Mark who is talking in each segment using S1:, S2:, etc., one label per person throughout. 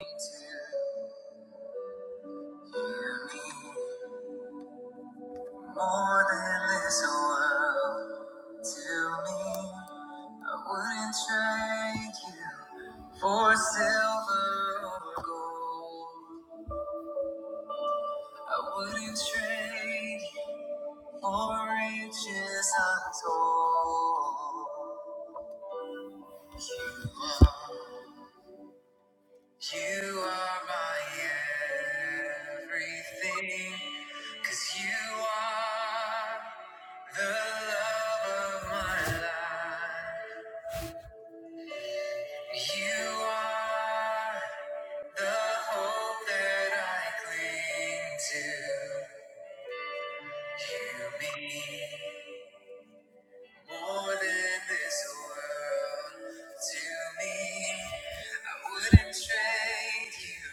S1: More than this world to me, I wouldn't trade you for silver or gold. I wouldn't trade you for riches untold. You are You are my everything, 'cause you are the love of my life. You are the hope that I cling to. You mean. More than this world to me, I wouldn't trade you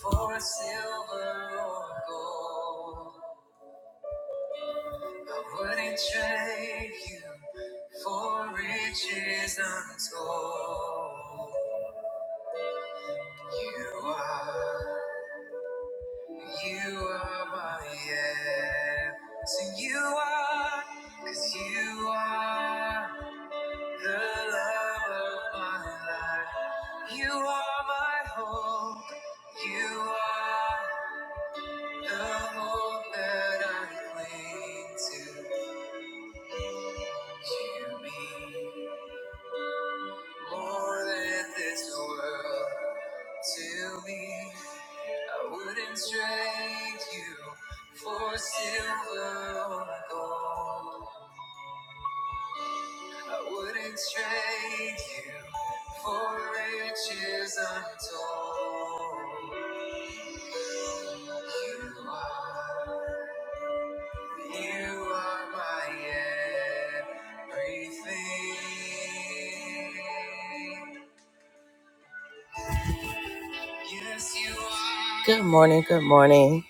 S1: for silver or gold. I wouldn't trade you for riches untold. You are, you are my everything. So you are, 'cause you are. The love of my life, you are my hope. You are the hope that I cling to. You mean more than this world to me. I wouldn't trade you for silver or gold. I wouldn't trade you for riches untold. You are, you are my everything. Yes, you are. Good morning, good morning.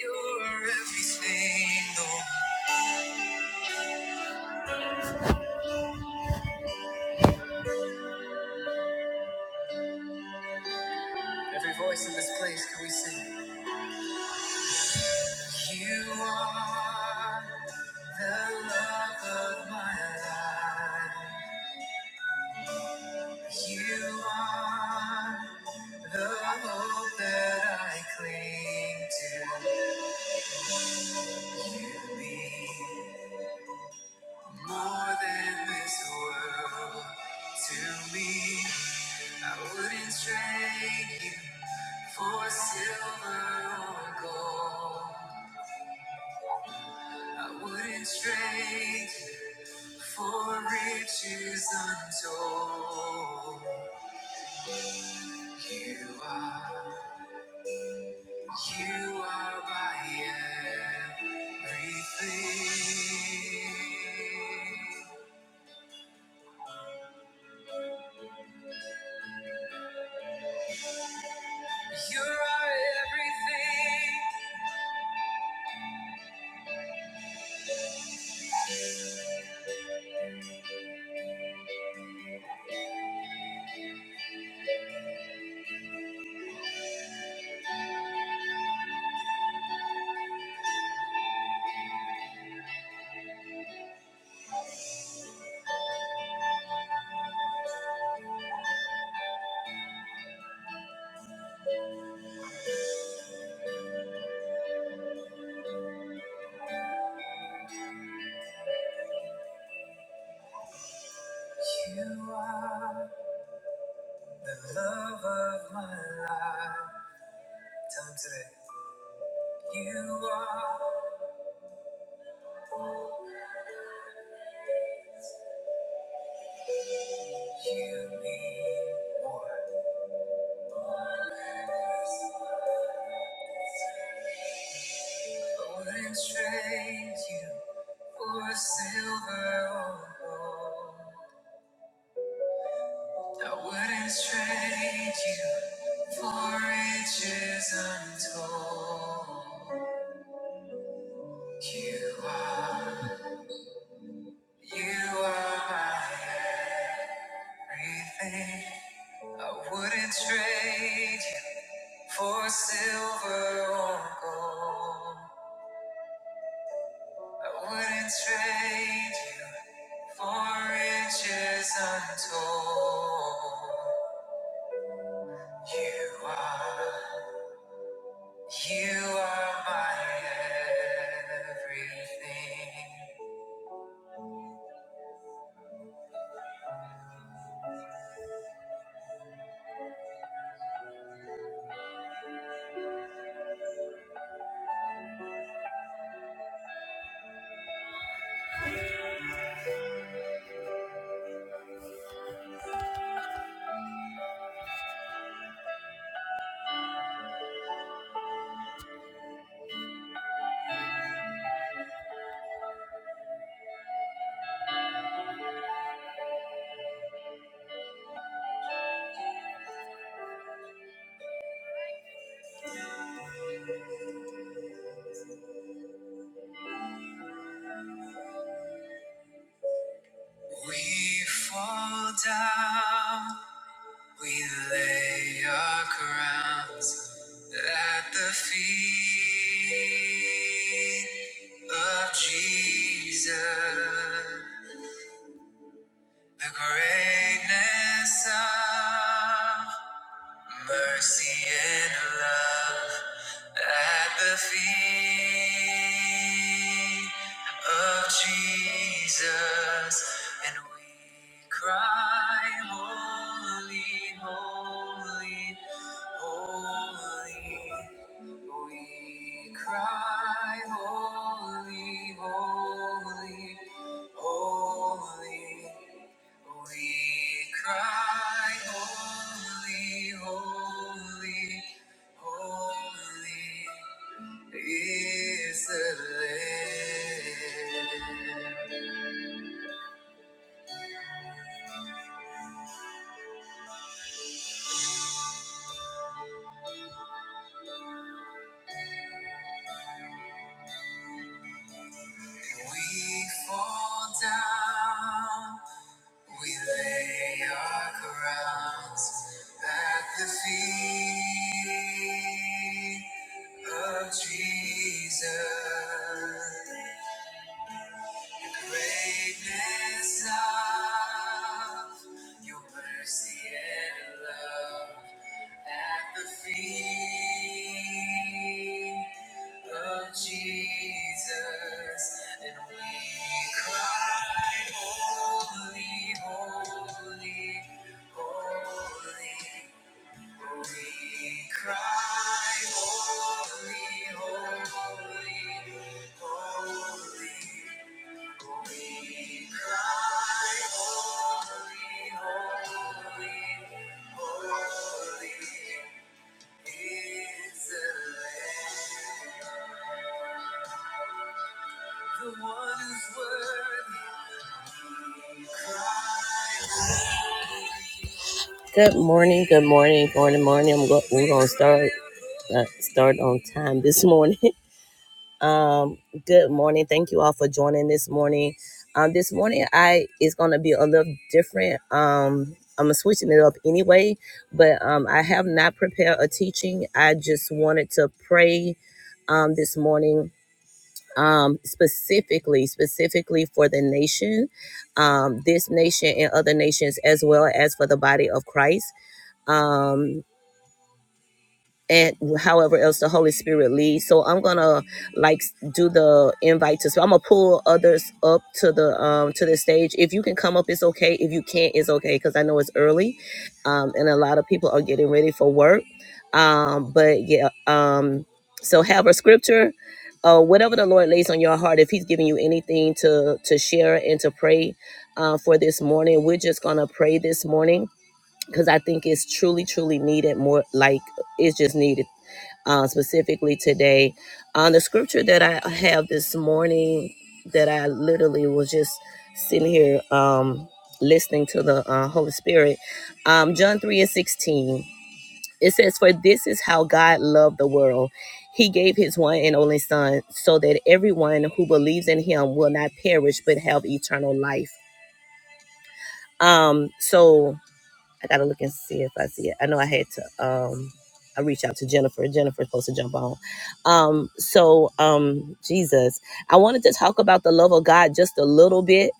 S1: You are everything. Lord. Every voice in this place, can we sing? You are the love of my life. You are the hope that I cling to. You mean more than this world to me. I wouldn't trade you for silver or gold. I wouldn't trade you for riches untold. You are, you are my everything. You're our everything. You are the love of my life. Tell him today. You are, you mean more. Gold and trade you for silver or gold. I wouldn't trade you for riches untold. You are, you are my everything. I wouldn't trade you for silver or gold. I wouldn't trade you for riches untold. You are, you are my everything. We fall down We lay our crowns at the feet of Jesus, the greatness of Mercy and love at the feet of Jesus, and we cry, Holy, holy, holy. We cry, Holy, holy, holy. We cry, holy, holy, holy is the Lamb. We fall down, we lay our crowns at the feet of Jesus. Greatness of your mercy and love at the feet of Jesus, and we cry, Holy, holy, holy. We cry, Holy, holy, holy. We cry, holy, holy, holy is the Lamb, the one who's worthy. We cry. Good morning, good morning, Morning. morning. I'm go- we're gonna start uh, start on time this morning. Um, good morning. Thank you all for joining this morning. Um, this morning I is gonna be a little different. Um, I'm switching it up anyway, but um, I have not prepared a teaching. I just wanted to pray um, this morning um, specifically, specifically for the nation, um, this nation and other nations, as well as for the body of Christ. Um and however else the Holy Spirit leads. So I'm gonna like do the invite to. So I'm gonna pull others up to the um to the stage. If you can come up, it's okay. If you can't, it's okay because I know it's early, um, and a lot of people are getting ready for work. Um, but yeah, um, so have a scripture. Uh, whatever the Lord lays on your heart, if He's giving you anything to to share and to pray uh, for this morning, we're just gonna pray this morning because I think it's truly, truly needed. More like it's just needed uh, specifically today. Uh, the scripture that I have this morning that I literally was just sitting here um, listening to the uh, Holy Spirit, um, John 3 and 16. It says, For this is how God loved the world. He gave his one and only Son so that everyone who believes in him will not perish but have eternal life. Um, so I gotta look and see if I see it. I know I had to um I reached out to Jennifer. Jennifer's supposed to jump on. Um, so um Jesus. I wanted to talk about the love of God just a little bit.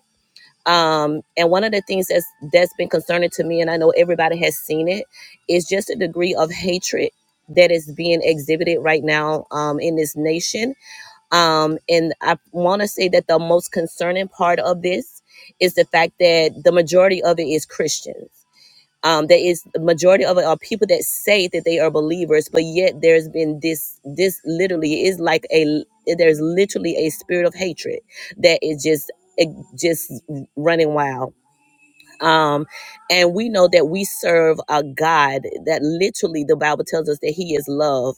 S1: Um, and one of the things that's that's been concerning to me, and I know everybody has seen it, is just a degree of hatred that is being exhibited right now um in this nation. Um, and I wanna say that the most concerning part of this is the fact that the majority of it is Christians um, that is the majority of it are people that say that they are believers, but yet there's been this this literally is like a there's literally a spirit of hatred that is just it just running wild um, and we know that we serve a God that literally the Bible tells us that He is love.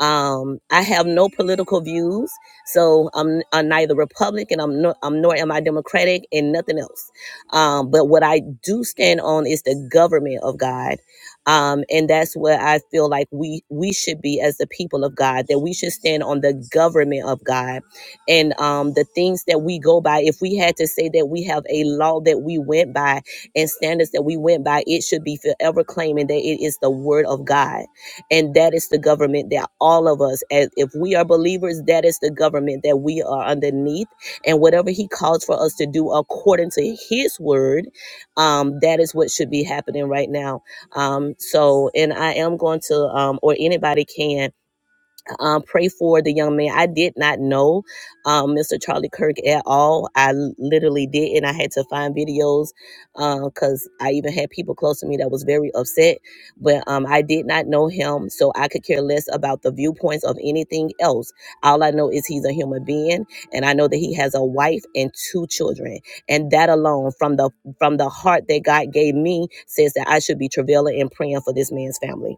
S1: Um, I have no political views, so I'm, I'm neither Republican, I'm, no, I'm nor am I Democratic, and nothing else. Um, but what I do stand on is the government of God. Um, and that's where I feel like we we should be as the people of God, that we should stand on the government of God and um, the things that we go by. If we had to say that we have a law that we went by, and standards that we went by, it should be forever claiming that it is the word of God. And that is the government that all of us, as if we are believers, that is the government that we are underneath. And whatever he calls for us to do according to his word, um, that is what should be happening right now. Um, so, and I am going to, um, or anybody can, um, pray for the young man. I did not know um, Mr. Charlie Kirk at all. I literally did, and I had to find videos because uh, I even had people close to me that was very upset. But um, I did not know him, so I could care less about the viewpoints of anything else. All I know is he's a human being, and I know that he has a wife and two children, and that alone, from the from the heart that God gave me, says that I should be travailing and praying for this man's family.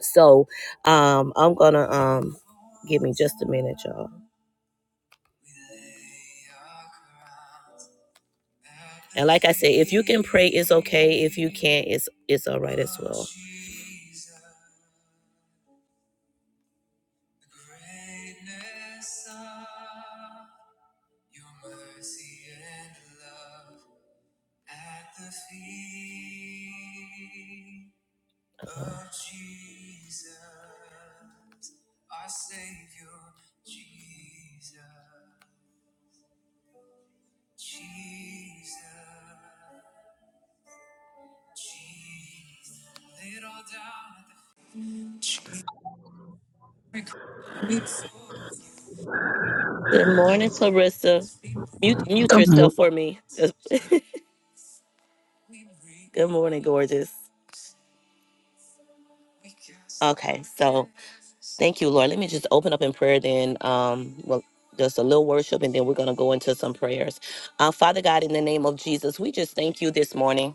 S1: So um, I'm gonna um, give me just a minute, y'all. And like I said, if you can pray, it's okay. If you can't, it's it's all right as well. Uh-huh. Savior, Jesus, Jesus. Good morning, Clarissa. Mute, mute
S2: Good morning.
S1: yourself for me. Good morning, gorgeous. Okay, so thank you, Lord. Let me just open up in prayer then. Um, well, just a little worship, and then we're going to go into some prayers. Uh, Father God, in the name of Jesus, we just thank you this morning.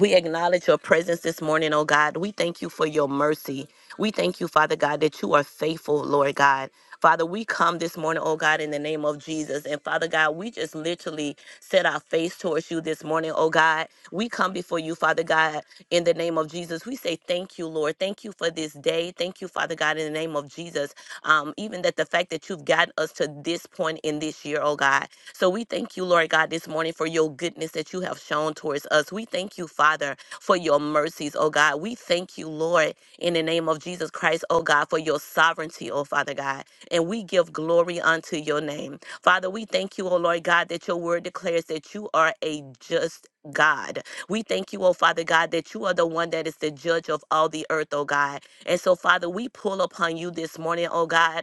S1: We acknowledge your presence this morning, oh God. We thank you for your mercy. We thank you, Father God, that you are faithful, Lord God. Father, we come this morning, oh God, in the name of Jesus. And Father God, we just literally set our face towards you this morning, oh God. We come before you, Father God, in the name of Jesus. We say thank you, Lord. Thank you for this day. Thank you, Father God, in the name of Jesus. Um, even that the fact that you've gotten us to this point in this year, oh God. So we thank you, Lord God, this morning for your goodness that you have shown towards us. We thank you, Father, for your mercies, oh God. We thank you, Lord, in the name of Jesus Christ, oh God, for your sovereignty, oh Father God. And we give glory unto your name. Father, we thank you, oh Lord God, that your word declares that you are a just God. We thank you, oh Father God, that you are the one that is the judge of all the earth, oh God. And so, Father, we pull upon you this morning, oh God,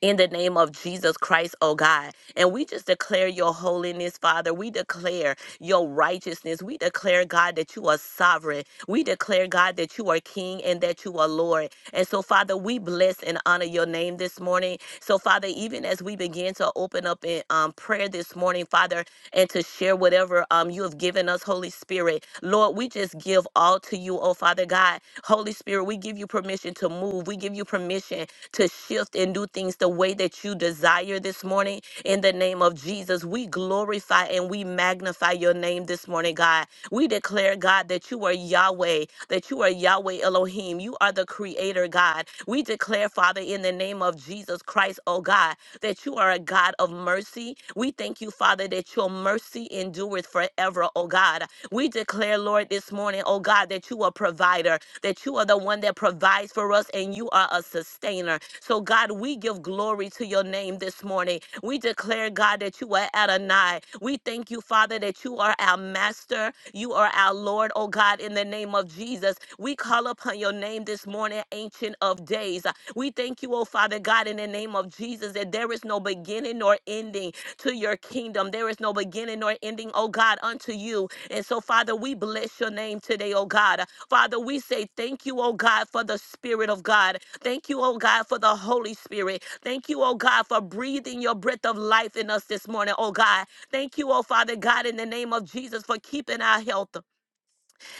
S1: in the name of Jesus Christ, oh God. And we just declare your holiness, Father. We declare your righteousness. We declare, God, that you are sovereign. We declare, God, that you are King and that you are Lord. And so, Father, we bless and honor your name this morning. So, Father, even as we begin to open up in um, prayer this morning, Father, and to share whatever um, you have given us, Holy Spirit, Lord, we just give all to you, oh Father God. Holy Spirit, we give you permission to move. We give you permission to shift and do things the way that you desire this morning. In the name of Jesus, we glorify and we magnify your name this morning, God. We declare, God, that you are Yahweh, that you are Yahweh Elohim. You are the creator, God. We declare, Father, in the name of Jesus Christ, oh God, that you are a God of mercy. We thank you, Father, that your mercy endureth forever, oh God. We declare, Lord, this morning, oh God, that you are provider that you are the one that provides for us and you are a sustainer. So, God, we give glory to your name this morning. We declare, God, that you are Adonai. We thank you, Father, that you are our master. You are our Lord, oh God, in the name of Jesus. We call upon your name this morning, Ancient of Days. We thank you, oh Father God, in the name of Jesus, that there is no beginning nor ending to your kingdom. There is no beginning nor ending, oh God, unto you. And so, Father, we bless your name today, oh God. Father, we say thank you, oh God, for the Spirit of God. Thank you, oh God, for the Holy Spirit. Thank you, oh God, for breathing your breath of life in us this morning, oh God. Thank you, oh Father God, in the name of Jesus, for keeping our health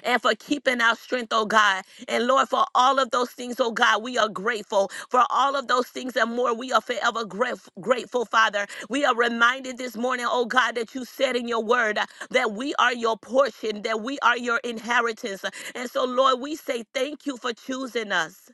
S1: and for keeping our strength, oh God. And Lord, for all of those things, oh God, we are grateful. For all of those things and more, we are forever graf- grateful, Father. We are reminded this morning, oh God, that you said in your word uh, that we are your portion, that we are your inheritance. And so, Lord, we say thank you for choosing us.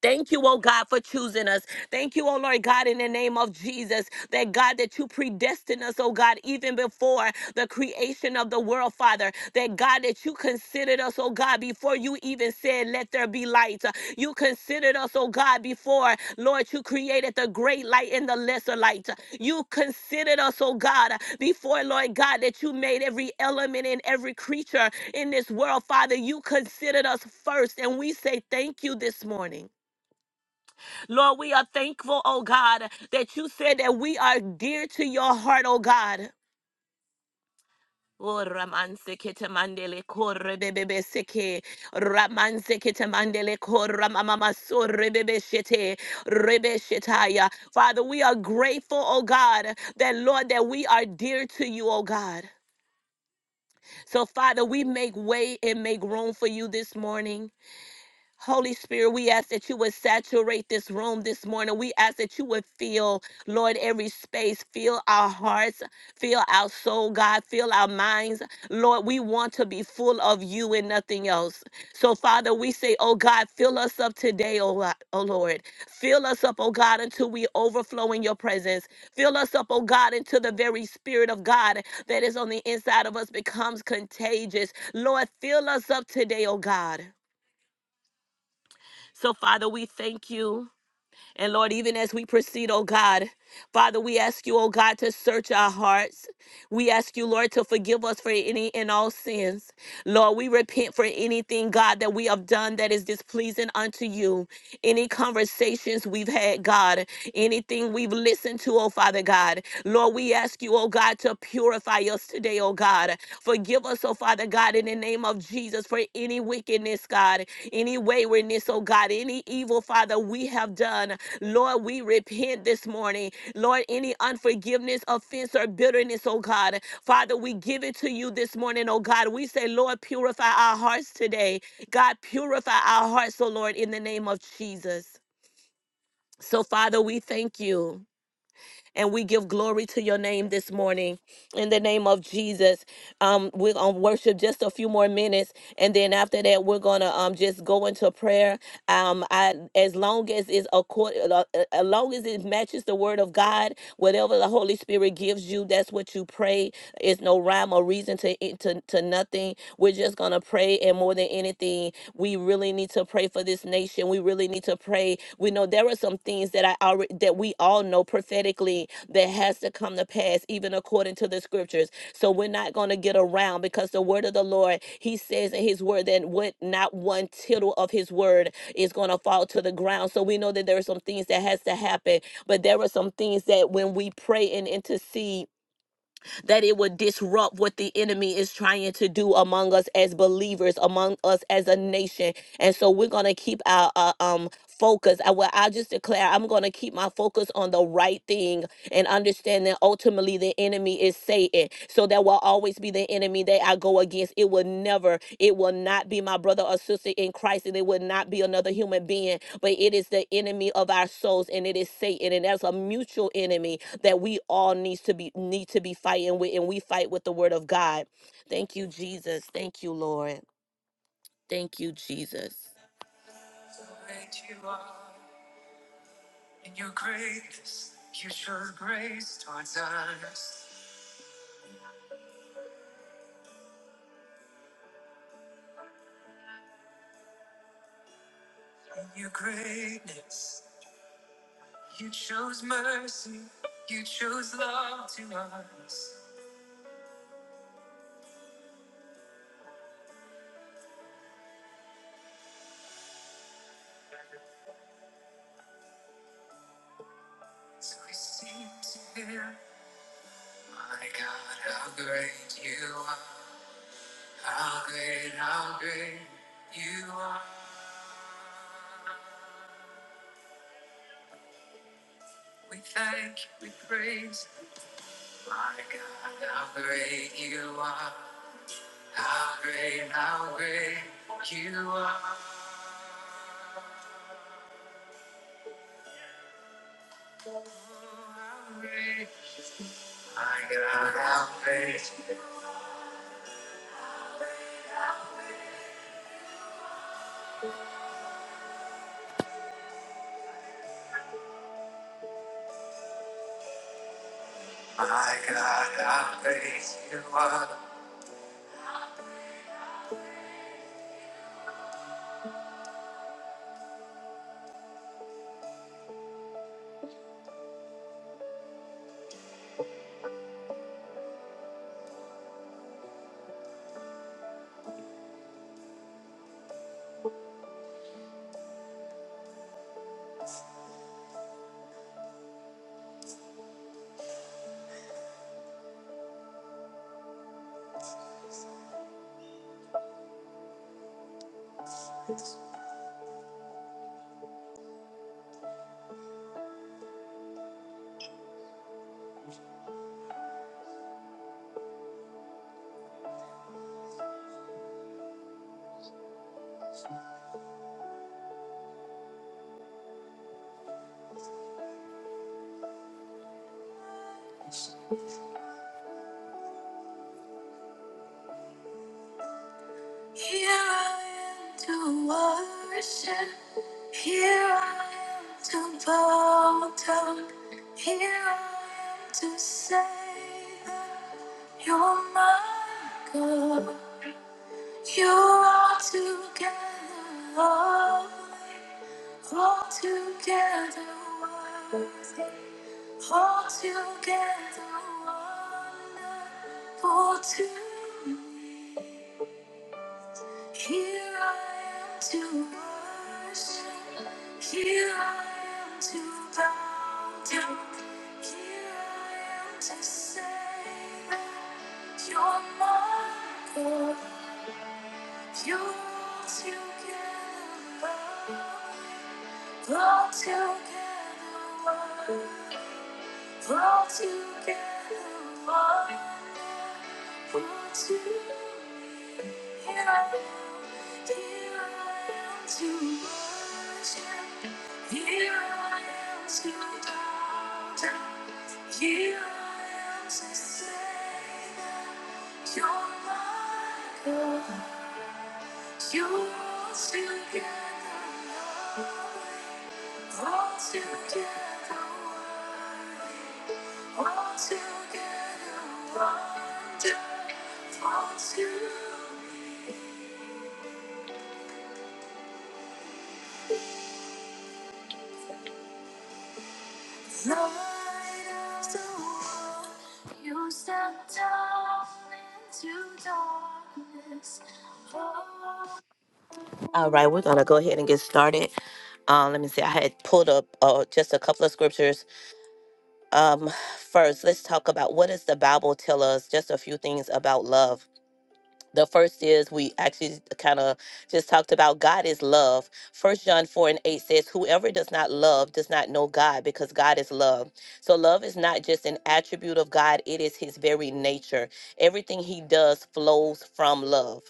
S1: Thank you, oh God, for choosing us. Thank you, oh Lord God, in the name of Jesus, that God, that you predestined us, oh God, even before the creation of the world, Father. That God, that you considered us, oh God, before you even said, Let there be light. You considered us, oh God, before, Lord, you created the great light and the lesser light. You considered us, oh God, before, Lord God, that you made every element and every creature in this world, Father. You considered us first, and we say thank you this morning. Lord, we are thankful, oh God, that you said that we are dear to your heart, oh God. Oh, ramanse kete mandele korre bebebe seke. Ramanse kete mandele korra mamama sorre bebe shete. Rebe shetaya. Father, we are grateful, oh God, that Lord, that we are dear to you, oh God. So, Father, we make way and make room for you this morning. Holy Spirit, we ask that you would saturate this room this morning. We ask that you would fill, Lord, every space, fill our hearts, fill our soul, God, fill our minds. Lord, we want to be full of you and nothing else. So, Father, we say, oh God, fill us up today, oh, Lo- oh Lord. Fill us up, oh God, until we overflow in your presence. Fill us up, oh God, until the very Spirit of God that is on the inside of us becomes contagious. Lord, fill us up today, oh God. So, Father, we thank you. And Lord, even as we proceed, oh God, Father, we ask you, oh God, to search our hearts. We ask you, Lord, to forgive us for any and all sins. Lord, we repent for anything, God, that we have done that is displeasing unto you any conversations we've had, God, anything we've listened to, oh Father God. Lord, we ask you, oh God, to purify us today, oh God. Forgive us, oh Father God, in the name of Jesus for any wickedness, God, any waywardness, oh God, any evil, Father, we have done. Lord, we repent this morning. Lord, any unforgiveness, offense, or bitterness, oh God. Father, we give it to you this morning, oh God. We say, Lord, purify our hearts today. God, purify our hearts, O Lord, in the name of Jesus. So, Father, we thank you. And we give glory to your name this morning in the name of Jesus. Um, we're going to worship just a few more minutes. And then after that, we're going to um, just go into prayer. Um, I, as long as it's accord, uh, uh, as long as it matches the word of God, whatever the Holy Spirit gives you, that's what you pray. It's no rhyme or reason to, it- to, to nothing. We're just going to pray. And more than anything, we really need to pray for this nation. We really need to pray. We we know there are some things that I already that we all know prophetically that has to come to pass, even according to the scriptures. So we're not going to get around because the word of the Lord, He says in His word that what not one tittle of His word is going to fall to the ground. So we know that there are some things that has to happen, but there are some things that when we pray and intercede that it would disrupt what the enemy is trying to do among us as believers, among us as a nation. And so we're going to keep our uh, um focus. I, well, I just declare I'm going to keep my focus on the right thing and understand that ultimately the enemy is Satan. So that will always be the enemy that I go against. It will never, it will not be my brother or sister in Christ, and it will not be another human being, but it is the enemy of our souls, and it is Satan. And that's a mutual enemy that we all needs to be need to be fighting with, and we fight with the word of God. Thank you, Jesus. Thank you, Lord. Thank you, Jesus. Great you are, and your greatness, you show grace towards us. In your greatness, you chose mercy, you chose love to us. So we sing to him, My God, how great you are! How great, how great you are! We thank you, we praise you, my God, how great you are! How great, how great you are! Oh, how great, my God, how great. My God, I praise you. Here I am to worship. Here I am to bow down. Here I am to say that you're my God. You are together lovely. All together worthy, all together wonderful to me. Here I am to worship, here I am to bow down, here I am to say that you're my God. You're all together lovely. Brought together one. Brought together one. Brought to me. Here I am. Here I am to worship. Here I am to bow down. Here I am to say that you're my God. You're altogether lovely. Altogether worthy, altogether wonderful, light of the world. You stepped down into darkness. All right, we're gonna go ahead and get started. Uh, let me see. I had pulled up uh, just a couple of scriptures. Um, first, let's talk about what does the Bible tell us? Just a few things about love the first is we actually kind of just talked about God is love. First John 4 and 8 says, Whoever does not love does not know God because God is love. So love is not just an attribute of God, it is his very nature. Everything he does flows from love.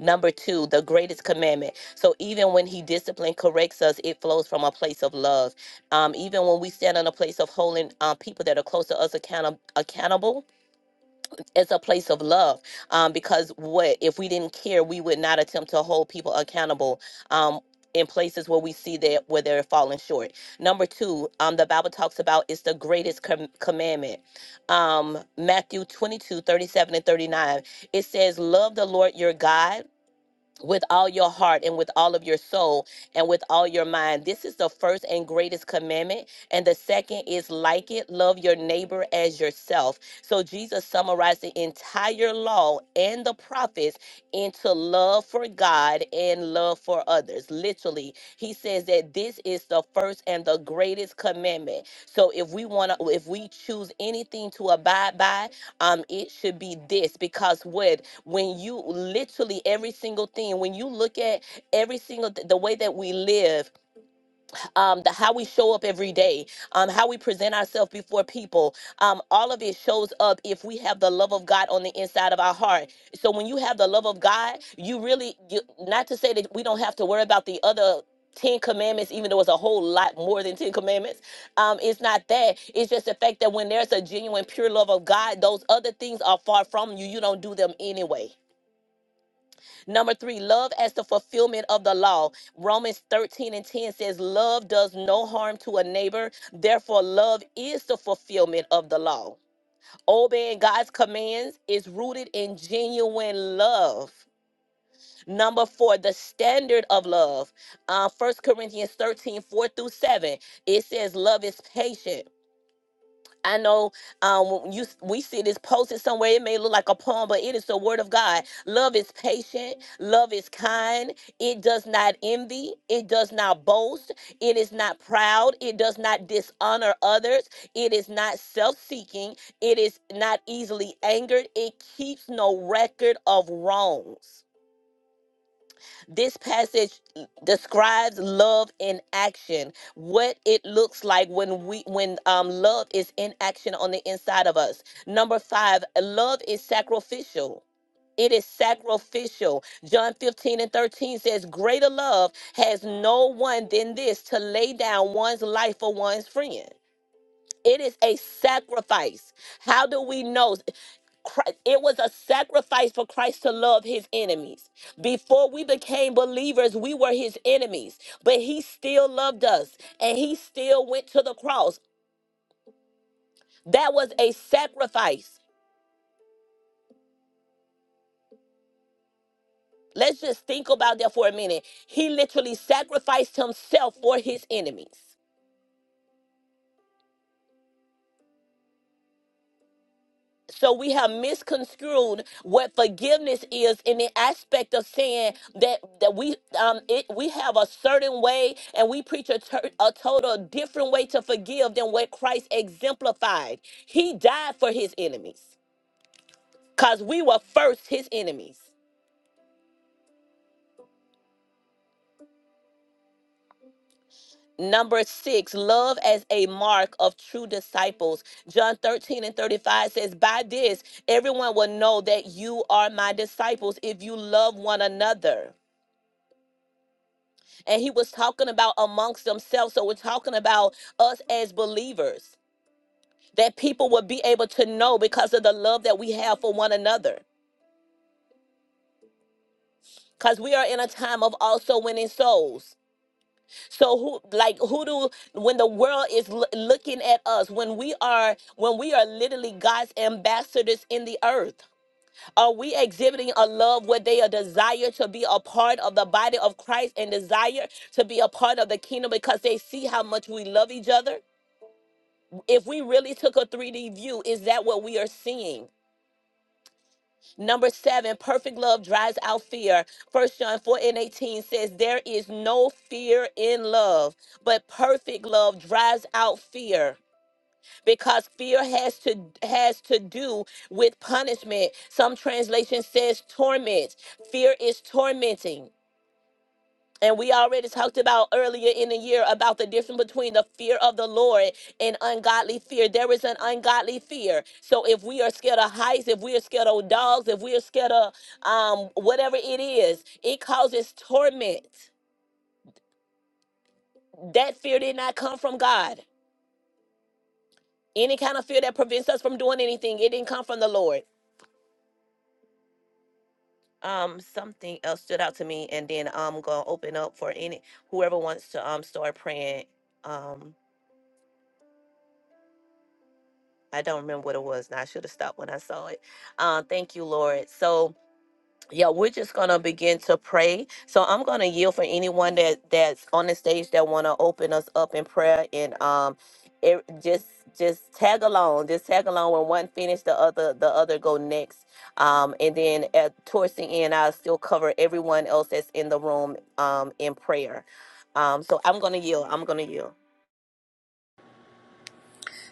S1: Number two, the greatest commandment. So even when he discipline corrects us, it flows from a place of love. Um, even when we stand in a place of holding uh, people that are close to us account- accountable, it's a place of love um, because what if we didn't care we would not attempt to hold people accountable um, in places where we see that where they're falling short number two um, the bible talks about it's the greatest com- commandment um, matthew 22 37 and 39 it says love the lord your god with all your heart and with all of your soul and with all your mind. This is the first and greatest commandment. And the second is like it love your neighbor as yourself. So Jesus summarized the entire law and the prophets into love for God and love for others. Literally, he says that this is the first and the greatest commandment. So if we want to, if we choose anything to abide by, um it should be this because what when you literally every single thing when you look at every single th- the way that we live um, the how we show up every day, um, how we present ourselves before people. Um, all of it shows up if we have the love of God on the inside of our heart. So when you have the love of God, you really, you, not to say that we don't have to worry about the other. 10 commandments, even though it's a whole lot more than 10 commandments. Um, it's not that. It's just the fact that when there's a genuine, pure love of God, those other things are far from you. You don't do them anyway. Number three, love as the fulfillment of the law. Romans 13 and 10 says, Love does no harm to a neighbor. Therefore, love is the fulfillment of the law. Obeying God's commands is rooted in genuine love. Number four, the standard of love. Uh, 1 Corinthians 13 4 through 7. It says, Love is patient. I know um, when you we see this posted somewhere. It may look like a poem, but it is the word of God. Love is patient. Love is kind. It does not envy. It does not boast. It is not proud. It does not dishonor others. It is not self-seeking. It is not easily angered. It keeps no record of wrongs. This passage describes love in action, what it looks like when we when um love is in action on the inside of us. Number 5, love is sacrificial. It is sacrificial. John 15 and 13 says, Greater love has no one than this to lay down one's life for one's friend. It is a sacrifice. How do we know? Christ, it was a sacrifice for Christ to love his enemies. Before we became believers, we were his enemies, but he still loved us and he still went to the cross. That was a sacrifice. Let's just think about that for a minute. He literally sacrificed himself for his enemies. So we have misconstrued what forgiveness is in the aspect of saying that that we um it, we have a certain way and we preach a, tur a total different way to forgive than what Christ exemplified. He died for his enemies cuz we were first his enemies. Number six, love as a mark of true disciples. John 13 and 35 says, By this, everyone will know that you are my disciples if you love one another. and he was talking about amongst themselves. So we're talking about us as believers that people will be able to know because of the love that we have for one another. Because we are in a time of also winning souls. So who like who do when the world is loo- looking at us when we are when we are literally God's ambassadors in the earth? Are we exhibiting a love where they are desire to be a part of the body of Christ and desire to be a part of the kingdom because they see how much we love each other? If we really took a 3D view, is that what we are seeing? Number seven, perfect love drives out fear. First John 4 and 18 says, There is no fear in love, but perfect love drives out fear because fear has to has to do with punishment. Some translation says torment. Fear is tormenting. And we already talked about earlier in the year about the difference between the fear of the Lord and ungodly fear. There is an ungodly fear. So if we are scared of heights, if we are scared of dogs, if we are scared of um, whatever it is, it causes torment. That fear did not come from God. Any kind of fear that prevents us from doing anything, it didn't come from the Lord. Um, something else stood out to me, and then I'm gonna open up for any whoever wants to um start praying. Um, I don't remember what it was, and I should have stopped when I saw it. Uh, thank you, Lord. So yeah, we're just gonna begin to pray. So I'm gonna yield for anyone that that's on the stage that wanna open us up in prayer and um, it, just just tag along, just tag along. When one finish, the other the other go next. Um, and then at towards the end, I'll still cover everyone else that's in the room um in prayer. Um, so I'm gonna yield. I'm gonna yield.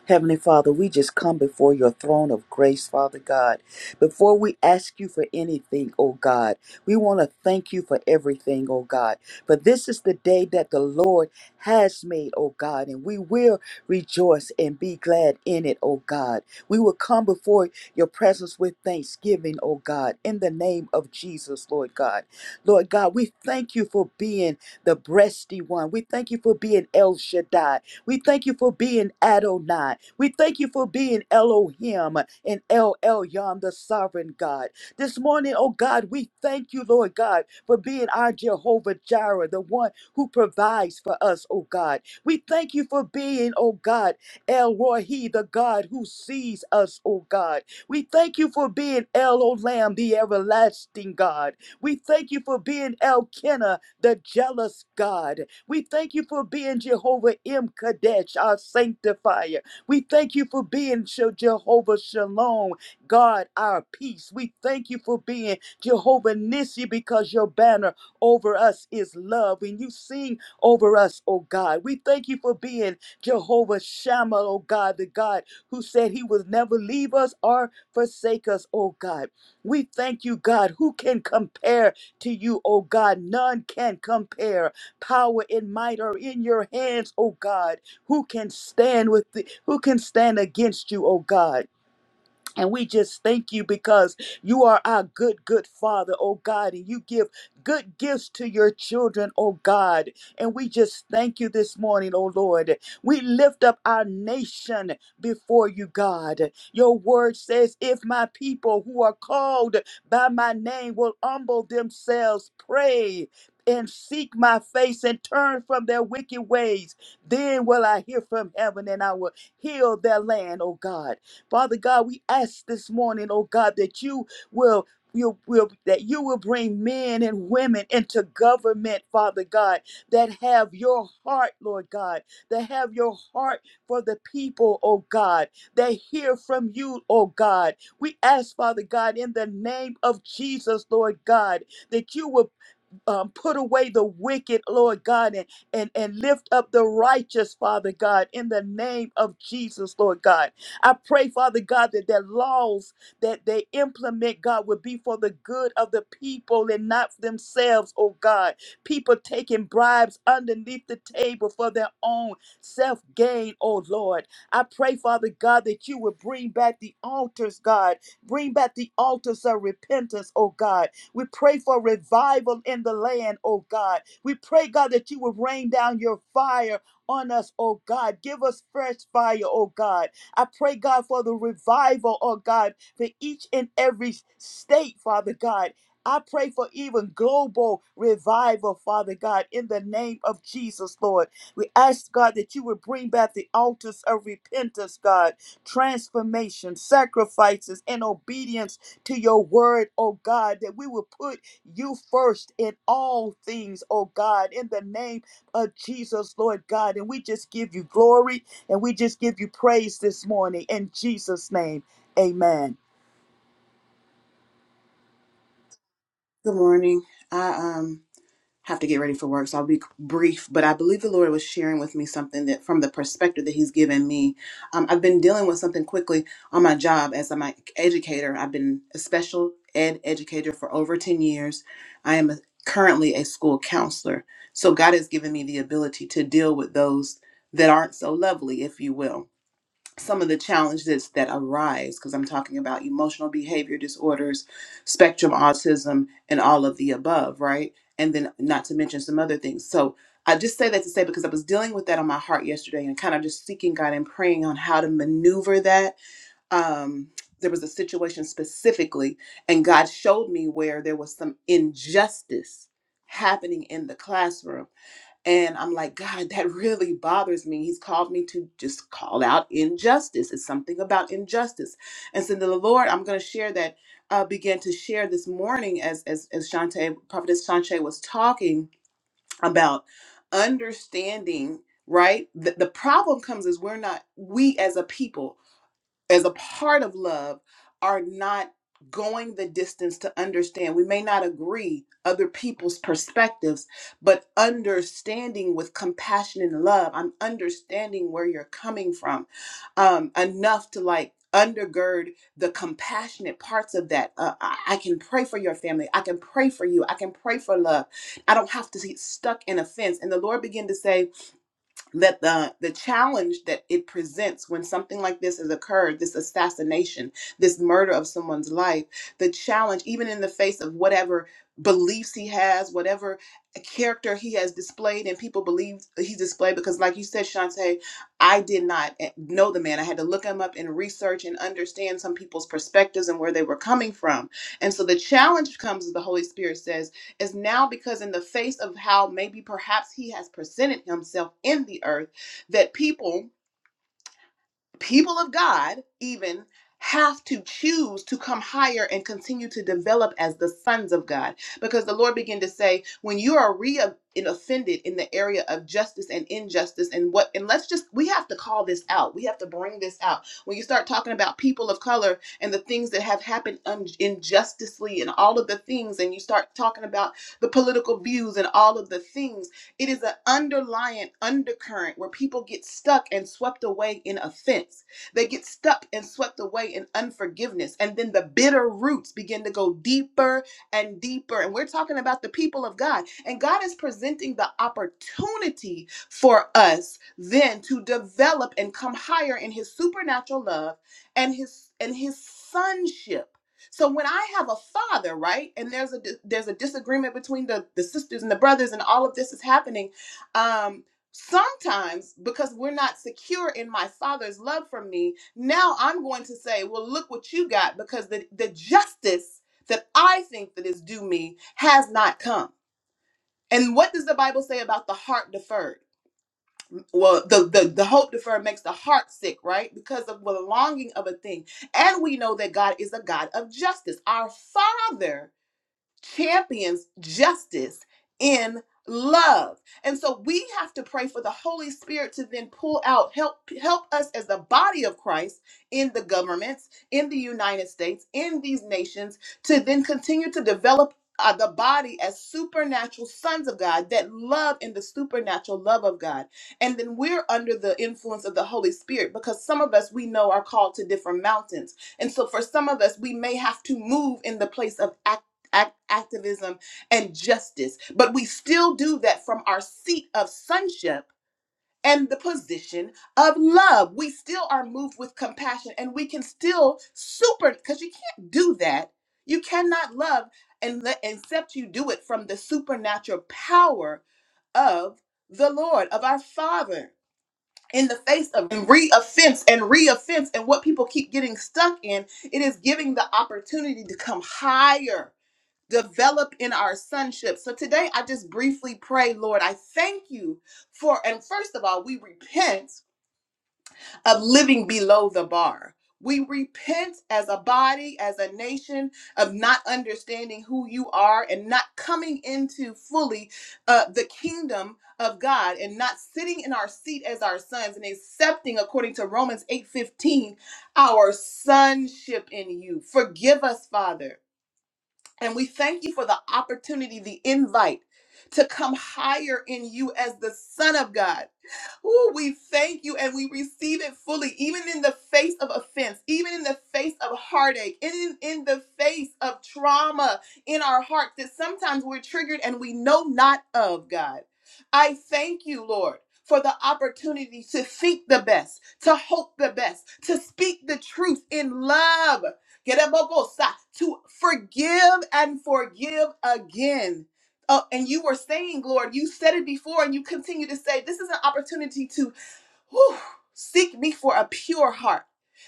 S3: Heavenly Father, we just come before your throne of grace, Father God. Before we ask you for anything, oh God, we want to thank you for everything, oh God. For this is the day that the Lord has made, oh God, and we will rejoice and be glad in it, oh God. We will come before your presence with thanksgiving, oh God, in the name of Jesus, Lord God. Lord God, we thank you for being the breasty one. We thank you for being El Shaddai. We thank you for being Adonai. We thank you for being Elohim and El Elyon, the sovereign God. This morning, oh God, we thank you, Lord God, for being our Jehovah Jireh, the one who provides for us, oh God. We thank you for being, oh God, El Rohi, the God who sees us, oh God. We thank you for being El Olam, the everlasting God. We thank you for being Elkanah, the jealous God. We thank you for being Jehovah M. Kadesh, our sanctifier. We thank you for being Je- Jehovah Shalom, God, our peace. We thank you for being Jehovah Nissi because your banner over us is love and you sing over us, oh God. We thank you for being Jehovah Shammah, oh God, the God who said he would never leave us or forsake us, oh God. We thank you, God. Who can compare to you, O God? None can compare. Power and might are in your hands, O God. Who can stand with the, who can stand against you, O God? And we just thank you because you are our good, good Father, oh God, and you give good gifts to your children, oh God. And we just thank you this morning, oh Lord. We lift up our nation before you, God. Your word says, If my people who are called by my name will humble themselves, pray. And seek my face and turn from their wicked ways. Then will I hear from heaven and I will heal their land, oh God. Father God, we ask this morning, oh God, that you will you will that you will bring men and women into government, Father God, that have your heart, Lord God, that have your heart for the people, oh God, that hear from you, oh God. We ask, Father God, in the name of Jesus, Lord God, that you will um, put away the wicked, Lord God, and, and, and lift up the righteous, Father God, in the name of Jesus, Lord God. I pray, Father God, that the laws that they implement, God, would be for the good of the people and not for themselves, oh God. People taking bribes underneath the table for their own self gain, oh Lord. I pray, Father God, that you would bring back the altars, God. Bring back the altars of repentance, oh God we pray for revival in the land, oh God. We pray, God, that you would rain down your fire on us, oh God. Give us fresh fire, oh God. I pray, God, for the revival, oh God, for each and every state, Father God. I pray for even global revival, Father God, in the name of Jesus, Lord. We ask, God, that you would bring back the altars of repentance, God, transformation, sacrifices, and obedience to your word, oh God, that we will put you first in all things, oh God, in the name of Jesus, Lord God. And we just give you glory and we just give you praise this morning in Jesus' name. Amen.
S4: Good morning. I um have to get ready for work, so I'll be brief. But I believe the Lord was sharing with me something that, from the perspective that He's given me, um, I've been dealing with something quickly on my job as I'm an educator. I've been a special ed educator for over ten years. I am currently a school counselor, so God has given me the ability to deal with those that aren't so lovely, if you will some of the challenges that arise because I'm talking about emotional behavior disorders, spectrum autism, and all of the above, right? And then not to mention some other things. So I just say that to say because I was dealing with that on my heart yesterday and kind of just seeking God and praying on how to maneuver that. Um, there was a situation specifically, and God showed me where there was some injustice happening in the classroom and I'm like, God, that really bothers me. He's called me to just call out injustice. It's something about injustice. And so the Lord, I'm going to share that, uh, began to share this morning as as as Shante, Prophetess Shante was talking about understanding. Right, the, the problem comes is we're not we as a people as a part of love are not going the distance to understand we may not agree other people's perspectives but understanding with compassion and love i'm understanding where you're coming from um enough to like undergird the compassionate parts of that uh, I, I can pray for your family i can pray for you i can pray for love i don't have to get stuck in offense and the lord began to say that the the challenge that it presents when something like this has occurred this assassination this murder of someone's life the challenge even in the face of whatever beliefs he has whatever character he has displayed and people believe he's displayed because like you said Shantae I did not eh, know the man I had to look him up and research and understand some people's perspectives and where they were coming from and so the challenge comes as the Holy Spirit says is now because in the face of how maybe perhaps he has presented himself in the earth that people people of God even have to choose to come higher and continue to develop as the sons of God. Because the Lord began to say, when you are re and offended in the area of justice and injustice and what and let's just we have to call this out. We have to bring this out. When you start talking about people of color and the things that have happened un- injusticely and all of the things and you start talking about the political views and all of the things it is an underlying undercurrent where people get stuck and swept away in offense. They get stuck and swept away in unforgiveness. And then the bitter roots begin to go deeper and deeper. And we're talking about the people of God. And God is presenting the opportunity for us then to develop and come higher in his supernatural love and his and his sonship so when I have a father, right, and there's a there's a disagreement between the the sisters and the brothers, and all of this is happening. Um, sometimes because we're not secure in my father's love for me, now I'm going to say, well, look what you got, because the the justice that I think that is due me has not come. And what does the Bible say about the heart deferred? well the, the the hope deferred makes the heart sick right because of the longing of a thing and we know that god is a god of justice our father champions justice in love. And so we have to pray for the Holy Spirit to then pull out help help us as the body of Christ in the governments, in the United States, in these nations to then continue to develop uh, the body as supernatural sons of God that love in the supernatural love of God. And then we're under the influence of the Holy Spirit because some of us we know are called to different mountains. And so for some of us, we may have to move in the place of act- activism, and justice. But we still do that from our seat of sonship and the position of love. We still are moved with compassion and we can still super, because you can't do that. You cannot love and let, except you do it from the supernatural power of the Lord, of our Father. In the face of reoffense and reoffense, and what people keep getting stuck in, it is giving the opportunity to come higher develop in our sonship. So today I just briefly pray, Lord, I thank you for, and first of all, we repent of living below the bar. We repent as a body, as a nation, of not understanding who you are and not coming into fully uh, the kingdom of God and not sitting in our seat as our sons and accepting, according to Romans 8:15, our sonship in you. Forgive us, Father. And we thank you for the opportunity, the invite to come higher in you as the Son of God. Oh, we thank you and we receive it fully, even in the face of offense, even in the face of heartache, in, in the face of trauma in our hearts that sometimes we're triggered and we know not of, God. I thank you, Lord. For the opportunity to think the best, to hope the best, to speak the truth in love, Get up, Bobosa, to forgive and forgive again Oh, and you were saying, Lord, you said it before, and you continue to say, this is an opportunity to whew, seek me for a pure heart.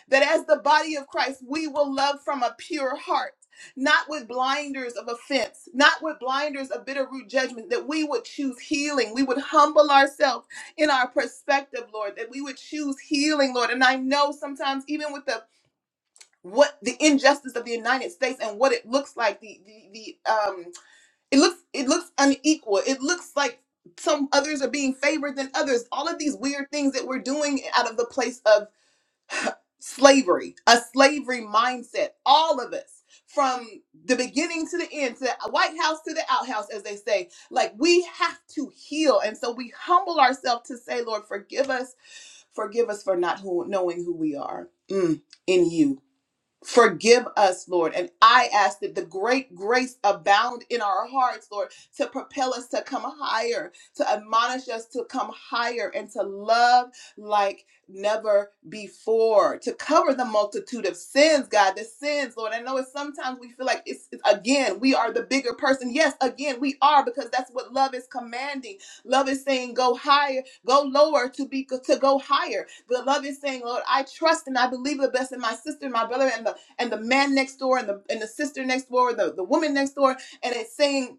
S4: That as the body of Christ, we will love from a pure heart, not with blinders of offense, not with blinders of bitter root judgment, that we would choose healing. We would humble ourselves in our perspective, Lord, that we would choose healing, Lord. And I know sometimes, even with the what the injustice of the United States and what it looks like, the the the um it looks it looks unequal. It looks like some others are being favored than others. All of these weird things that we're doing out of the place of slavery, a slavery mindset, all of us. From the beginning to the end, to the White House to the outhouse, as they say, like we have to heal. And so we humble ourselves to say, Lord, forgive us, forgive us for not who, knowing who we are mm, in you. Forgive us, Lord. And I ask that the great grace abound in our hearts, Lord, to propel us to come higher, to admonish us to come higher and to love like never before, to cover the multitude of sins, God, the sins, Lord. I know it's sometimes we feel like it's, it's again, we are the bigger person. Yes, again, we are because that's what love is commanding. Love is saying go higher, go lower to be to go higher. But love is saying, Lord, I trust and I believe the best in my sister, my brother, and the and the man next door and the and the sister next door, the, the woman next door, and it's saying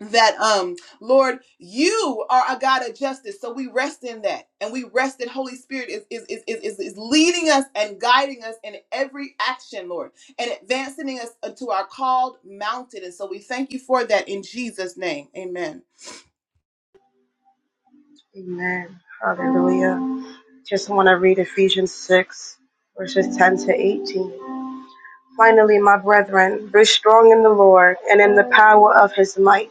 S4: that um Lord, you are a God of justice. So we rest in that. And we rest that Holy Spirit is is is is, is, is leading us and guiding us in every action, Lord, and advancing us to our called mountain. And so we thank you for that in Jesus' name. Amen.
S5: Amen. Hallelujah. Just want to read Ephesians 6, verses 10 to 18. Finally, my brethren, be strong in the Lord and in the power of his might.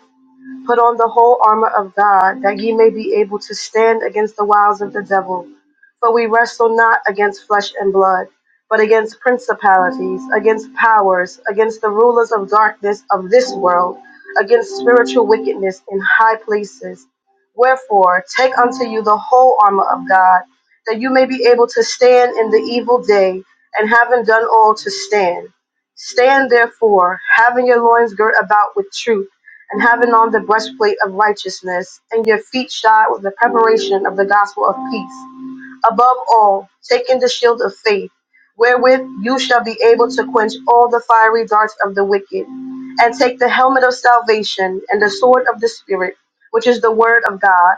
S5: Put on the whole armor of God, that ye may be able to stand against the wiles of the devil. For we wrestle not against flesh and blood, but against principalities, against powers, against the rulers of darkness of this world, against spiritual wickedness in high places. Wherefore, take unto you the whole armor of God, that you may be able to stand in the evil day, and having done all to stand. Stand therefore, having your loins girt about with truth and having on the breastplate of righteousness, and your feet shod with the preparation of the gospel of peace. Above all, taking the shield of faith, wherewith you shall be able to quench all the fiery darts of the wicked, and take the helmet of salvation and the sword of the Spirit, which is the word of God,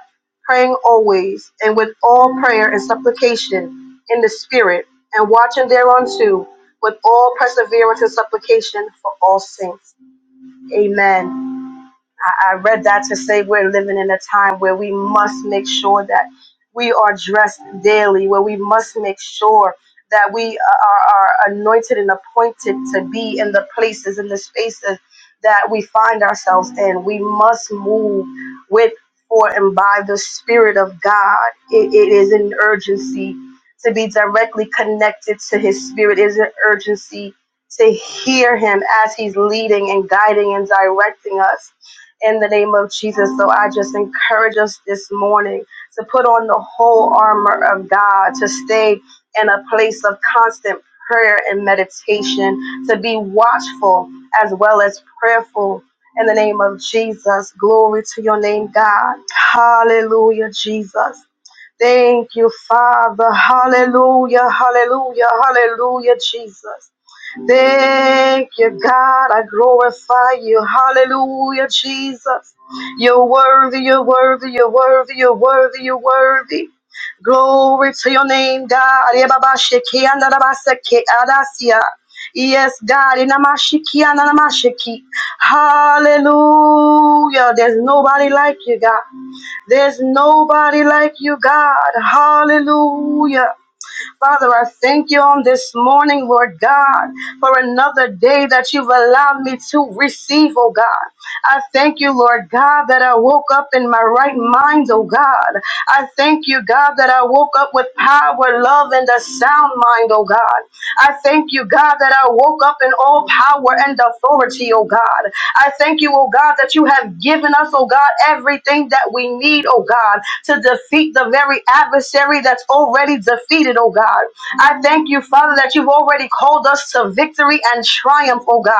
S5: praying always, and with all prayer and supplication in the Spirit, and watching thereunto with all perseverance and supplication for all saints. Amen. I, I read that to say we're living in a time where we must make sure that we are dressed daily, where we must make sure that we are, are anointed and appointed to be in the places, in the spaces that we find ourselves in. We must move with, for, and by the Spirit of God. It, it is an urgency to be directly connected to His Spirit, it is an urgency to hear Him as He's leading and guiding and directing us in the name of Jesus. So I just encourage us this morning to put on the whole armor of God, to stay in a place of constant prayer and meditation, to be watchful as well as prayerful. In the name of Jesus, glory to your name, God. Hallelujah, Jesus. Thank you, Father. Hallelujah, hallelujah, hallelujah, Jesus. Thank you, God. I glorify you. Hallelujah, Jesus. You're worthy, you're worthy, you're worthy, you're worthy, you're worthy. Glory to your name, God. Yebabashiki, andadabaseke, adasia. Yes, God. Inamashiki, ananamashiki. Hallelujah. There's nobody like you, God. There's nobody like you, God. Hallelujah. Father, I thank you on this morning, Lord God, for another day that you've allowed me to receive, oh God. I thank you, Lord God, that I woke up in my right mind, oh God. I thank you, God, that I woke up with power, love, and a sound mind, oh God. I thank you, God, that I woke up in all power and authority, oh God. I thank you, oh God, that you have given us, oh God, everything that we need, oh God, to defeat the very adversary that's already defeated, oh God. I thank you, Father, that you've already called us to victory and triumph, oh God.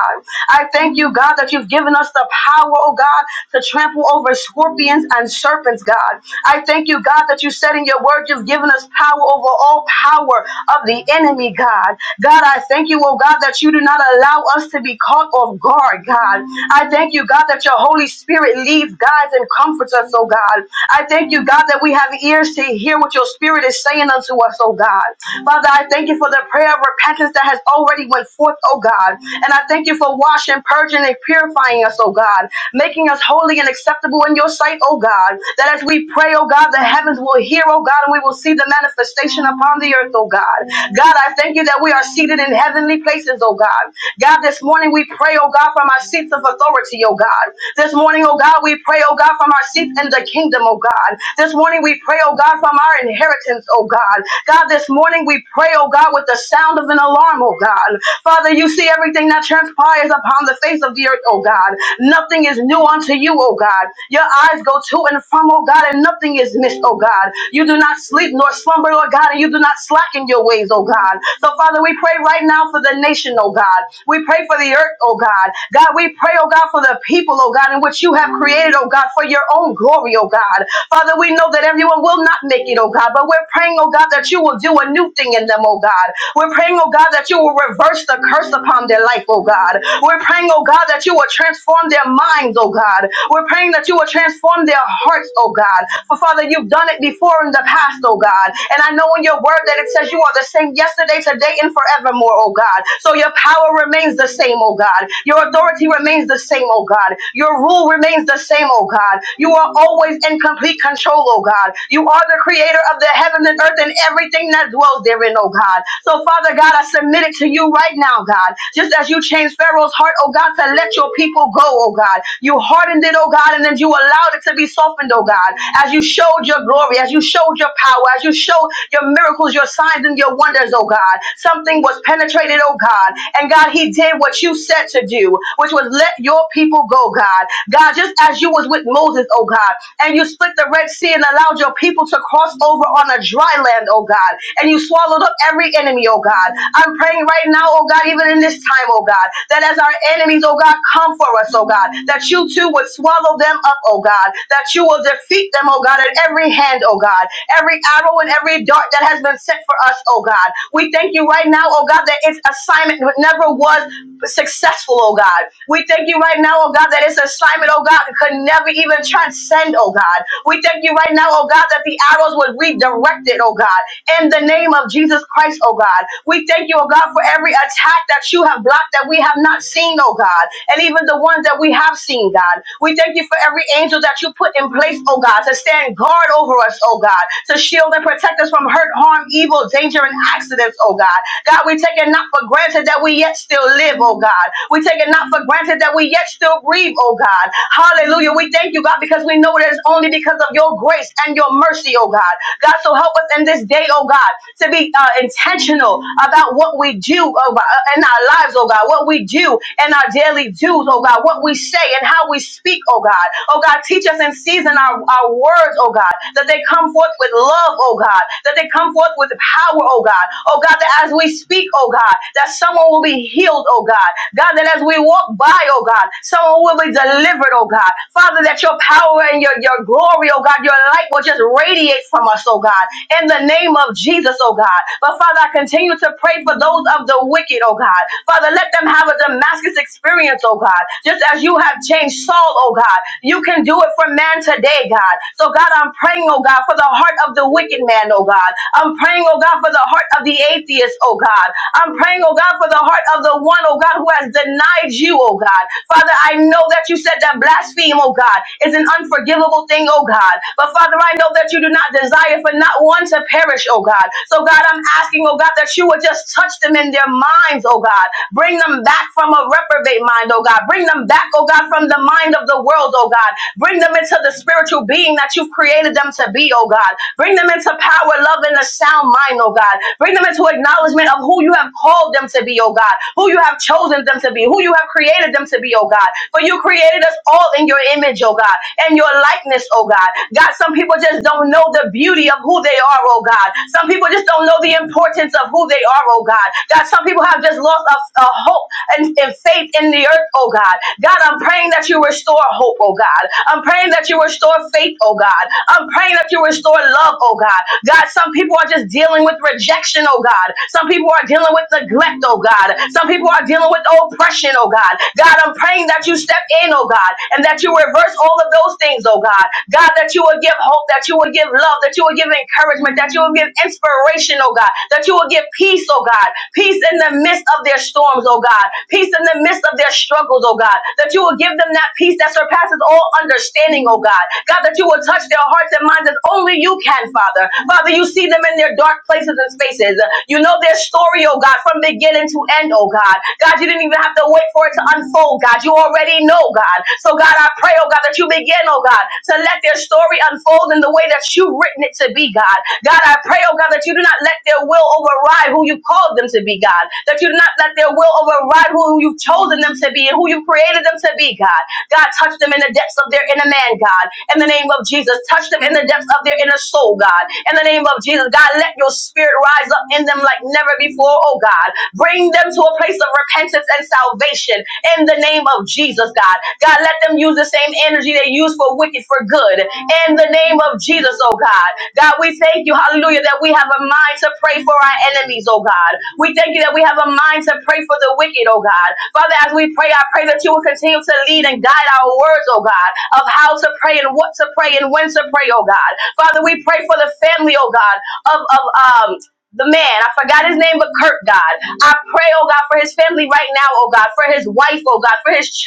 S5: I thank you you, God, that you've given us the power, oh God, to trample over scorpions and serpents, God. I thank you, God, that you said in your word you've given us power over all power of the enemy, God. God, I thank you, oh God, that you do not allow us to be caught off guard, God. I thank you, God, that your Holy Spirit leads, guides, and comforts us, oh God. I thank you, God, that we have ears to hear what your spirit is saying unto us, oh God. Father, I thank you for the prayer of repentance that has already went forth, oh God. and. And I thank you for washing, purging, and purifying us, oh God, making us holy and acceptable in your sight, oh God. That as we pray, oh God, the heavens will hear, oh God, and we will see the manifestation upon the earth, oh God. God, I thank you that we are seated in heavenly places, oh God. God, this morning we pray, oh God, from our seats of authority, oh God. This morning, oh God, we pray, oh God, from our seats in the kingdom, oh God. This morning we pray, oh God, from our inheritance, oh God. God, this morning we pray, oh God, with the sound of an alarm, oh God done. Father, you see everything that transpires upon the face of the earth, oh God. Nothing is new unto you, oh God. Your eyes go to and from, oh God, and nothing is missed, oh God. You do not sleep nor slumber, Lord God, and you do not slacken your ways, oh God. So, Father, we pray right now for the nation, oh God. We pray for the earth, oh God. God, we pray, oh God, for the people, oh God, in which you have created, oh God, for your own glory, oh God. Father, we know that everyone will not make it, oh God, but we're praying, oh God, that you will do a new thing in them, oh God. We're praying, oh God, that you will reverse the curse upon their life, oh God. We're praying, oh God, that you will transform their minds, oh God. We're praying that you will transform their hearts, oh God. For Father, you've done it before in the past, oh God. And I know in your word that it says you are the same yesterday, today, and forevermore, oh God. So your power remains the same, oh God. Your authority remains the same, oh God. Your rule remains the same, oh God. You are always in complete control, oh God. You are the creator of the heaven and earth and everything that dwells dwells therein, oh God. So, Father God, I submit it to you right now, God. Just as you changed Pharaoh's heart, oh God, to let your people go, oh God. You hardened it, oh God, and then you allowed it to be softened, oh God. As you showed your glory, as you showed your power, as you showed your miracles, your signs, and your wonders, oh God. Something was penetrated, oh God. And God, he did what you said to do, which was let your people go, God. God, just as you was with Moses, oh God, and you split the Red Sea and allowed your people to cross over on a dry land, oh God, and you swallowed up every enemy, oh God. I'm praying right now, oh God, even in this time, oh God, that as our enemies, oh God, come for us, oh God, that you too would swallow them up, oh God, that you will defeat them, oh God, at every hand, oh God, every arrow and every dart that has been sent for us, oh God. We thank you right now, oh God, that its assignment never was successful, oh God. We thank you right now, oh God, that its assignment, oh God, could never even transcend, oh God. We thank you right now, oh God, that the arrows would redirect it, oh God, in the name of Jesus Christ, oh God. We thank you, oh God, for every attack that you have blocked that we have not seen, oh God, and even the ones that we have seen, God. We thank you for every angel that you put in place, oh God, to stand guard over us, oh God, to shield and protect us from hurt, harm, evil, danger, and accidents, oh God. God, we take it not for granted that we yet still live, oh God. We take it not for granted that we yet still breathe, oh God. Hallelujah. We thank you, God, because we know that it's only because and because of your grace and your mercy, oh God. God, so help us in this day, oh God, to be uh, intentional about what we do oh God, uh, in our lives, oh God, what we do in our daily dues, oh God, what we say and how we speak, oh God. Oh God, teach us and season our, our words, oh God, that they come forth with love, oh God, that they come forth with power, oh God. Oh God, that as we speak, oh God, that someone will be healed, oh God. God, that as we walk by, oh God, someone will be delivered, oh God. Father, that that your power and your, your glory, oh God, your light will just radiate from us, oh God, in the name of Jesus, oh God. But Father, I continue to pray for those of the wicked, oh God. Father, let them have a Damascus experience, oh God. Just as you have changed Saul, oh God, you can do it for man today, God. So, God, I'm praying, oh God, for the heart of the wicked man, oh God. I'm praying, oh God, for the heart of the atheist, oh God. I'm praying, oh God, for the heart of the one, oh God, who has denied you, oh God. Father, I know that you said said that blaspheme, oh God, is an unforgivable thing, oh God. But Father, I know that you do not desire for not one to perish, oh God. So God, I'm asking, oh God, that you would just touch them in their minds, oh God. Bring them back from a reprobate mind, oh God. Bring them back, oh God, from the mind of the world, oh God. Bring them into the spiritual being that you've created them to be, oh God. Bring them into power, love, and a sound mind, oh God. Bring them into acknowledgement of who you have called them to be, oh God. Who you have chosen them to be, who you have created them to to be, oh God. For you created us all in your image, oh God, and your likeness, oh God. God, some people just don't know the beauty of who they are, oh God. Some people just don't know the importance of who they are, oh God. God, some people have just lost a, a hope and, and faith in the earth, oh God. God, I'm praying that you restore hope, oh God. I'm praying that you restore faith, oh God. I'm praying that you restore love, oh God. God, some people are just dealing with rejection, oh God. Some people are dealing with neglect, oh God. Some people are dealing with oh oppression, oh God. God, I'm praying that you step in, oh God, and that you reverse all of those things, oh God. God, that you will give hope, that you will give love, that you will give encouragement, that you will give inspiration, oh God, that you will give peace, oh God, peace in the midst of their storms, oh God, peace in the midst of their struggles, oh God, that you will give them that peace that surpasses all understanding, oh God. God, that you will touch their hearts and minds as only you can, Father. Father, you see them in their dark places and spaces. You know their story, oh God, from beginning to to end, oh God. God, you didn't even have to wait for it to unfold, God. You already know, God. So, God, I pray, oh God, that you begin, oh God, to let their story unfold in the way that you've written it to be, God. God, I pray, oh God, that you do not let their will override who you've called them to be, God. That you do not let their will override who you've chosen them to be and who you've created them to be, God. God, touch them in the depths of their inner man, God. In the name of Jesus, touch them in the depths of their inner soul, God. In the name of Jesus, God, let your spirit rise up in them like never before before, oh God. Bring them to a place of repentance and salvation in the name of Jesus, God. God, let them use the same energy they use for wicked for good in the name of Jesus, oh God. God, we thank you, hallelujah, that we have a mind to pray for our enemies, oh God. We thank you that we have a mind to pray for the wicked, oh God. Father, as we pray, I pray that you will continue to lead and guide our words, oh God, of how to pray and what to pray and when to pray, oh God. Father, we pray for the family, oh God, of, of um the man, I forgot his name, but Kurt, God. I pray, oh God, for his family right now, oh God, for his wife, oh God, for his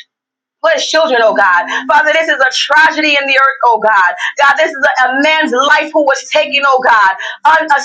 S5: Bless children, oh God. Father, this is a tragedy in the earth, oh God. God, this is a, a man's life who was taken, oh God, unselfishly, uh,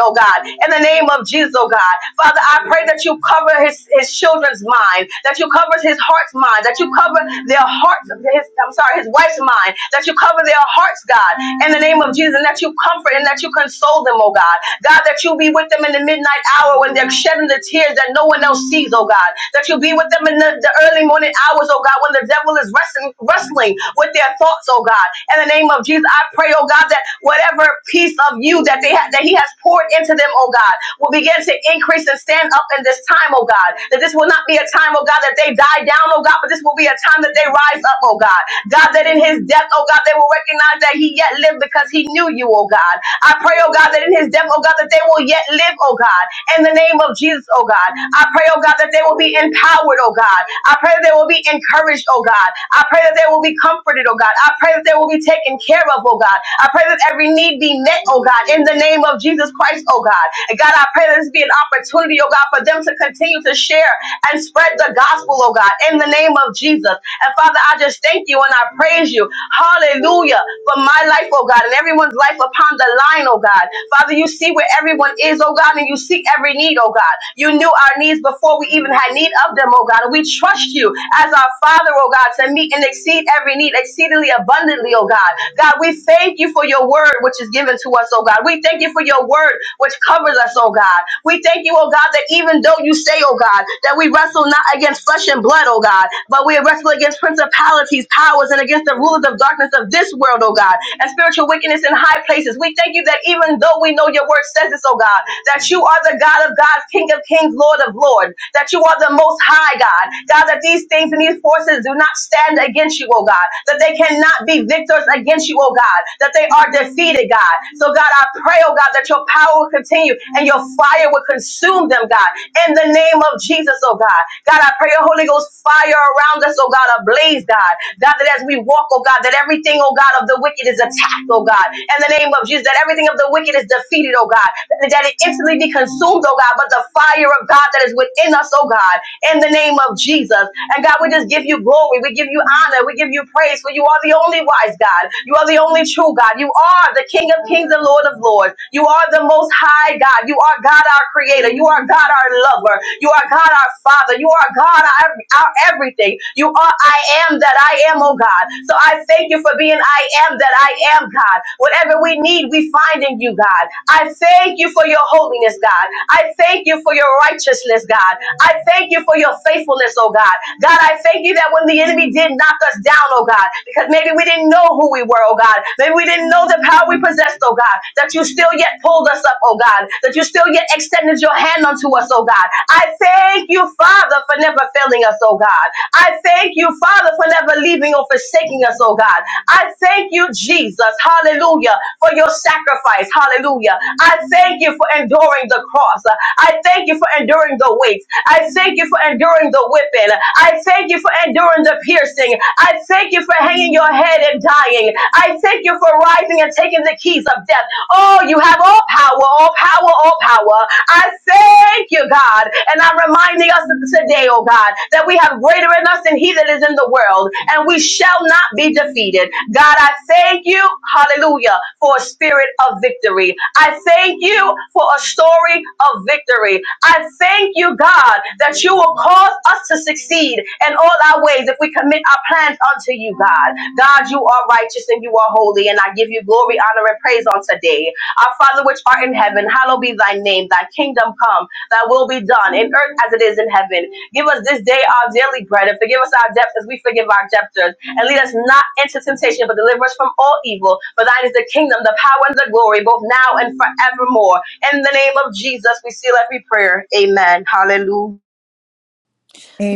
S5: oh God, in the name of Jesus, oh God. Father, I pray that you cover his, his children's mind, that you cover his heart's mind, that you cover their hearts, his, I'm sorry, his wife's mind, that you cover their hearts, God, in the name of Jesus, and that you comfort and that you console them, oh God. God, that you be with them in the midnight hour when they're shedding the tears that no one else sees, oh God. God, that you'll be with them in the, the early morning hours, oh God, when the devil is wrestling, wrestling with their thoughts, oh God. In the name of Jesus, I pray, oh God, that whatever piece of you that they ha- that He has poured into them, oh God, will begin to increase and stand up in this time, oh God. That this will not be a time, oh God, that they die down, oh God, but this will be a time that they rise up, oh God. God, that in His death, oh God, they will recognize that He yet lived because He knew you, oh God. I pray, oh God, that in His death, oh God, that they will yet live, oh God in the name of Jesus, oh God. I pray, oh God, that they will be empowered, oh God. I pray that they will be encouraged, oh God. I pray that they will be comforted, oh God. I pray that they will be taken care of, oh God. I pray that every need be met, oh God, in the name of Jesus Christ, oh God. And God, I pray that this be an opportunity, oh God, for them to continue to share and spread the gospel, oh God, in the name of Jesus. And Father, I just thank you and I praise you. Hallelujah. For my life, oh God, and everyone's life upon the line, oh God. Father, you see where everyone is, oh God, and you see every need, oh God. You knew our needs before we even had need of them, oh God. And we trust you as our Father, oh God, to meet and exceed every need exceedingly abundantly, oh God. God, we thank you for your word which is given to us, oh God. We thank you for your word which covers us, oh God. We thank you, oh God, that even though you say, oh God, that we wrestle not against flesh and blood, oh God, but we wrestle against principalities, powers, and against the rulers of darkness of this world, oh God, and spiritual spiritual wickedness in high places. We thank you that even though we know your word says this, oh God, that you are the God of gods, King of kings, Lord of lords, that you are the most high God. God, that these things and these forces do not stand against you, oh God, that they cannot be victors against you, oh God, that they are defeated, God. So, God, I pray, oh God, that your power will continue and your fire will consume them, God, in the name of Jesus, oh God. God, I pray your Holy Ghost fire around us, oh God, ablaze, God. God, that as we we walk, oh God, that everything, oh God, of the wicked is attacked, oh God. In the name of Jesus, that everything of the wicked is defeated, oh God. That that it instantly be consumed, oh God, but the fire of God that is within us, oh God, in the name of Jesus. And God, we just give you glory. We give you honor. We give you praise. For you are the only wise God. You are the only true God. You are the King of kings and Lord of lords. You are the most high God. You are God, our creator. You are God, our lover. You are God, our father. You are God, our, our everything everything. You are I am that I am, oh God. So I thank you for being I am that I am, God. Whatever we need, we find in you, God. I thank you for your holiness, God. I thank you for your righteousness, God. I thank you for your faithfulness, oh God. God, I thank you that when the enemy did knock us down, oh God, because maybe we didn't know who we were, oh God. Maybe we didn't know the power we possessed, oh God, that you still yet pulled us up, oh God, that you still yet extended your hand unto us, oh God. I thank thank you, Father, for never failing us, oh God. I thank you, Father, for never leaving or forsaking us, oh God. I thank you, Jesus, hallelujah, for your sacrifice, hallelujah. I thank you for enduring the cross. I thank you for enduring the weight. I thank you for enduring the whipping. I thank you for enduring the piercing. I thank you for hanging your head and dying. I thank you for rising and taking the keys of death. Oh, you have all power, all power, all power. I thank you, God. And I'm reminding us today, oh God, that we have greater in us than he that is in the world, and we shall not be defeated. God, I thank you, hallelujah, for a spirit of victory. I thank you for a story of victory. I thank you, God, that you will cause us to succeed in all our ways if we commit our plans unto you, God. God, you are righteous and you are holy, and I give you glory, honor, and praise on today. Our Father which art in heaven, hallowed be thy name. Thy kingdom come, thy will be done in earth as it is in heaven. Give us this day our daily bread and forgive us our debts as we forgive our debtors. And lead us not into temptation, but deliver us from all evil. For thine is the kingdom, the power, and the glory, both now and forevermore. In the name of Jesus, we seal every prayer. Amen. Hallelujah.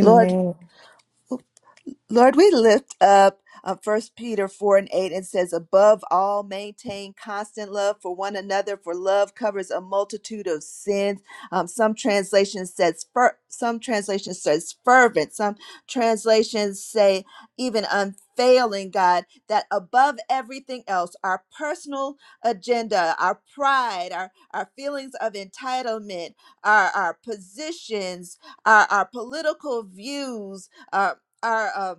S6: Lord, Lord, we lift up uh, First Peter four and eight. It says, "Above all, maintain constant love for one another, for love covers a multitude of sins." Um, some translation says, fer- some translation says fervent. Some translations say even unfailing. God, that above everything else, our personal agenda, our pride, our our feelings of entitlement, our our positions, our our political views our uh,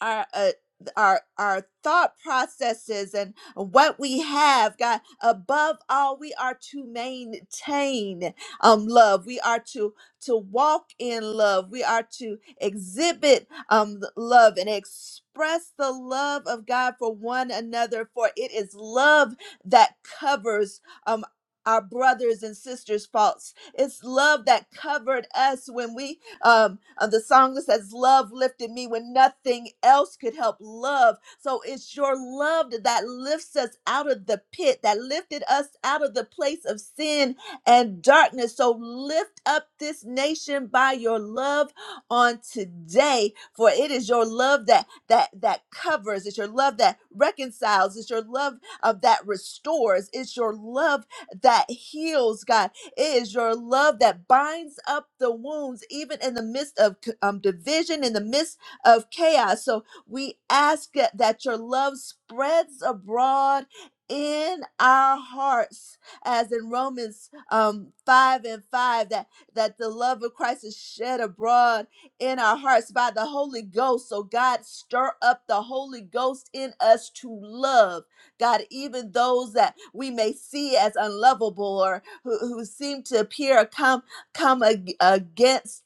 S6: our uh, our our thought processes and what we have god above all we are to maintain um love we are to to walk in love we are to exhibit um love and express the love of god for one another for it is love that covers um our brothers and sisters faults it's love that covered us when we um, uh, the song that says, Love lifted me when nothing else could help love. So it's your love that that lifts us out of the pit, that lifted us out of the place of sin and darkness. So lift up this nation by your love on today, for it is your love that that that covers, it's your love that reconciles, it's your love of that restores, it's your love that heals, God. It is your love that binds up the wounds, even in the midst of um, division, in the midst of chaos. So we ask that that your love spreads abroad in our hearts as in romans um 5 and 5 that that the love of christ is shed abroad in our hearts by the holy ghost so god stir up the holy ghost in us to love god even those that we may see as unlovable or who, who seem to appear or come come ag- against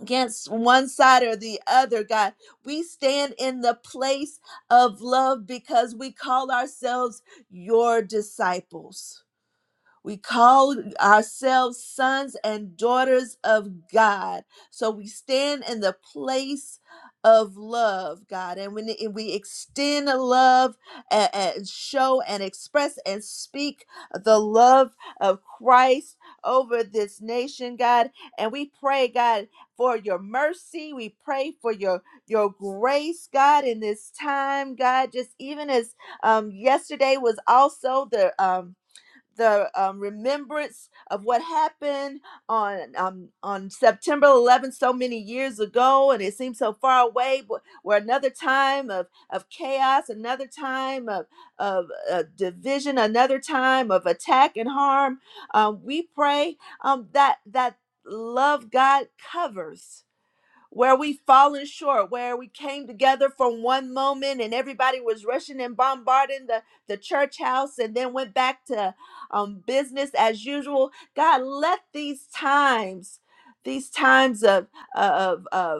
S6: against one side or the other god we stand in the place of love because we call ourselves your disciples we call ourselves sons and daughters of God. So we stand in the place of love, God. And when and we extend love and, and show and express and speak the love of Christ over this nation, God. And we pray, God, for your mercy. We pray for your your grace, God, in this time, God. Just even as um yesterday was also the um the um, remembrance of what happened on um, on September 11th, so many years ago, and it seems so far away. But where another time of of chaos, another time of of uh, division, another time of attack and harm. Um, we pray um, that that love God covers where we fallen short, where we came together from one moment and everybody was rushing and bombarding the, the church house and then went back to um, business as usual. God, let these times, these times of, of, of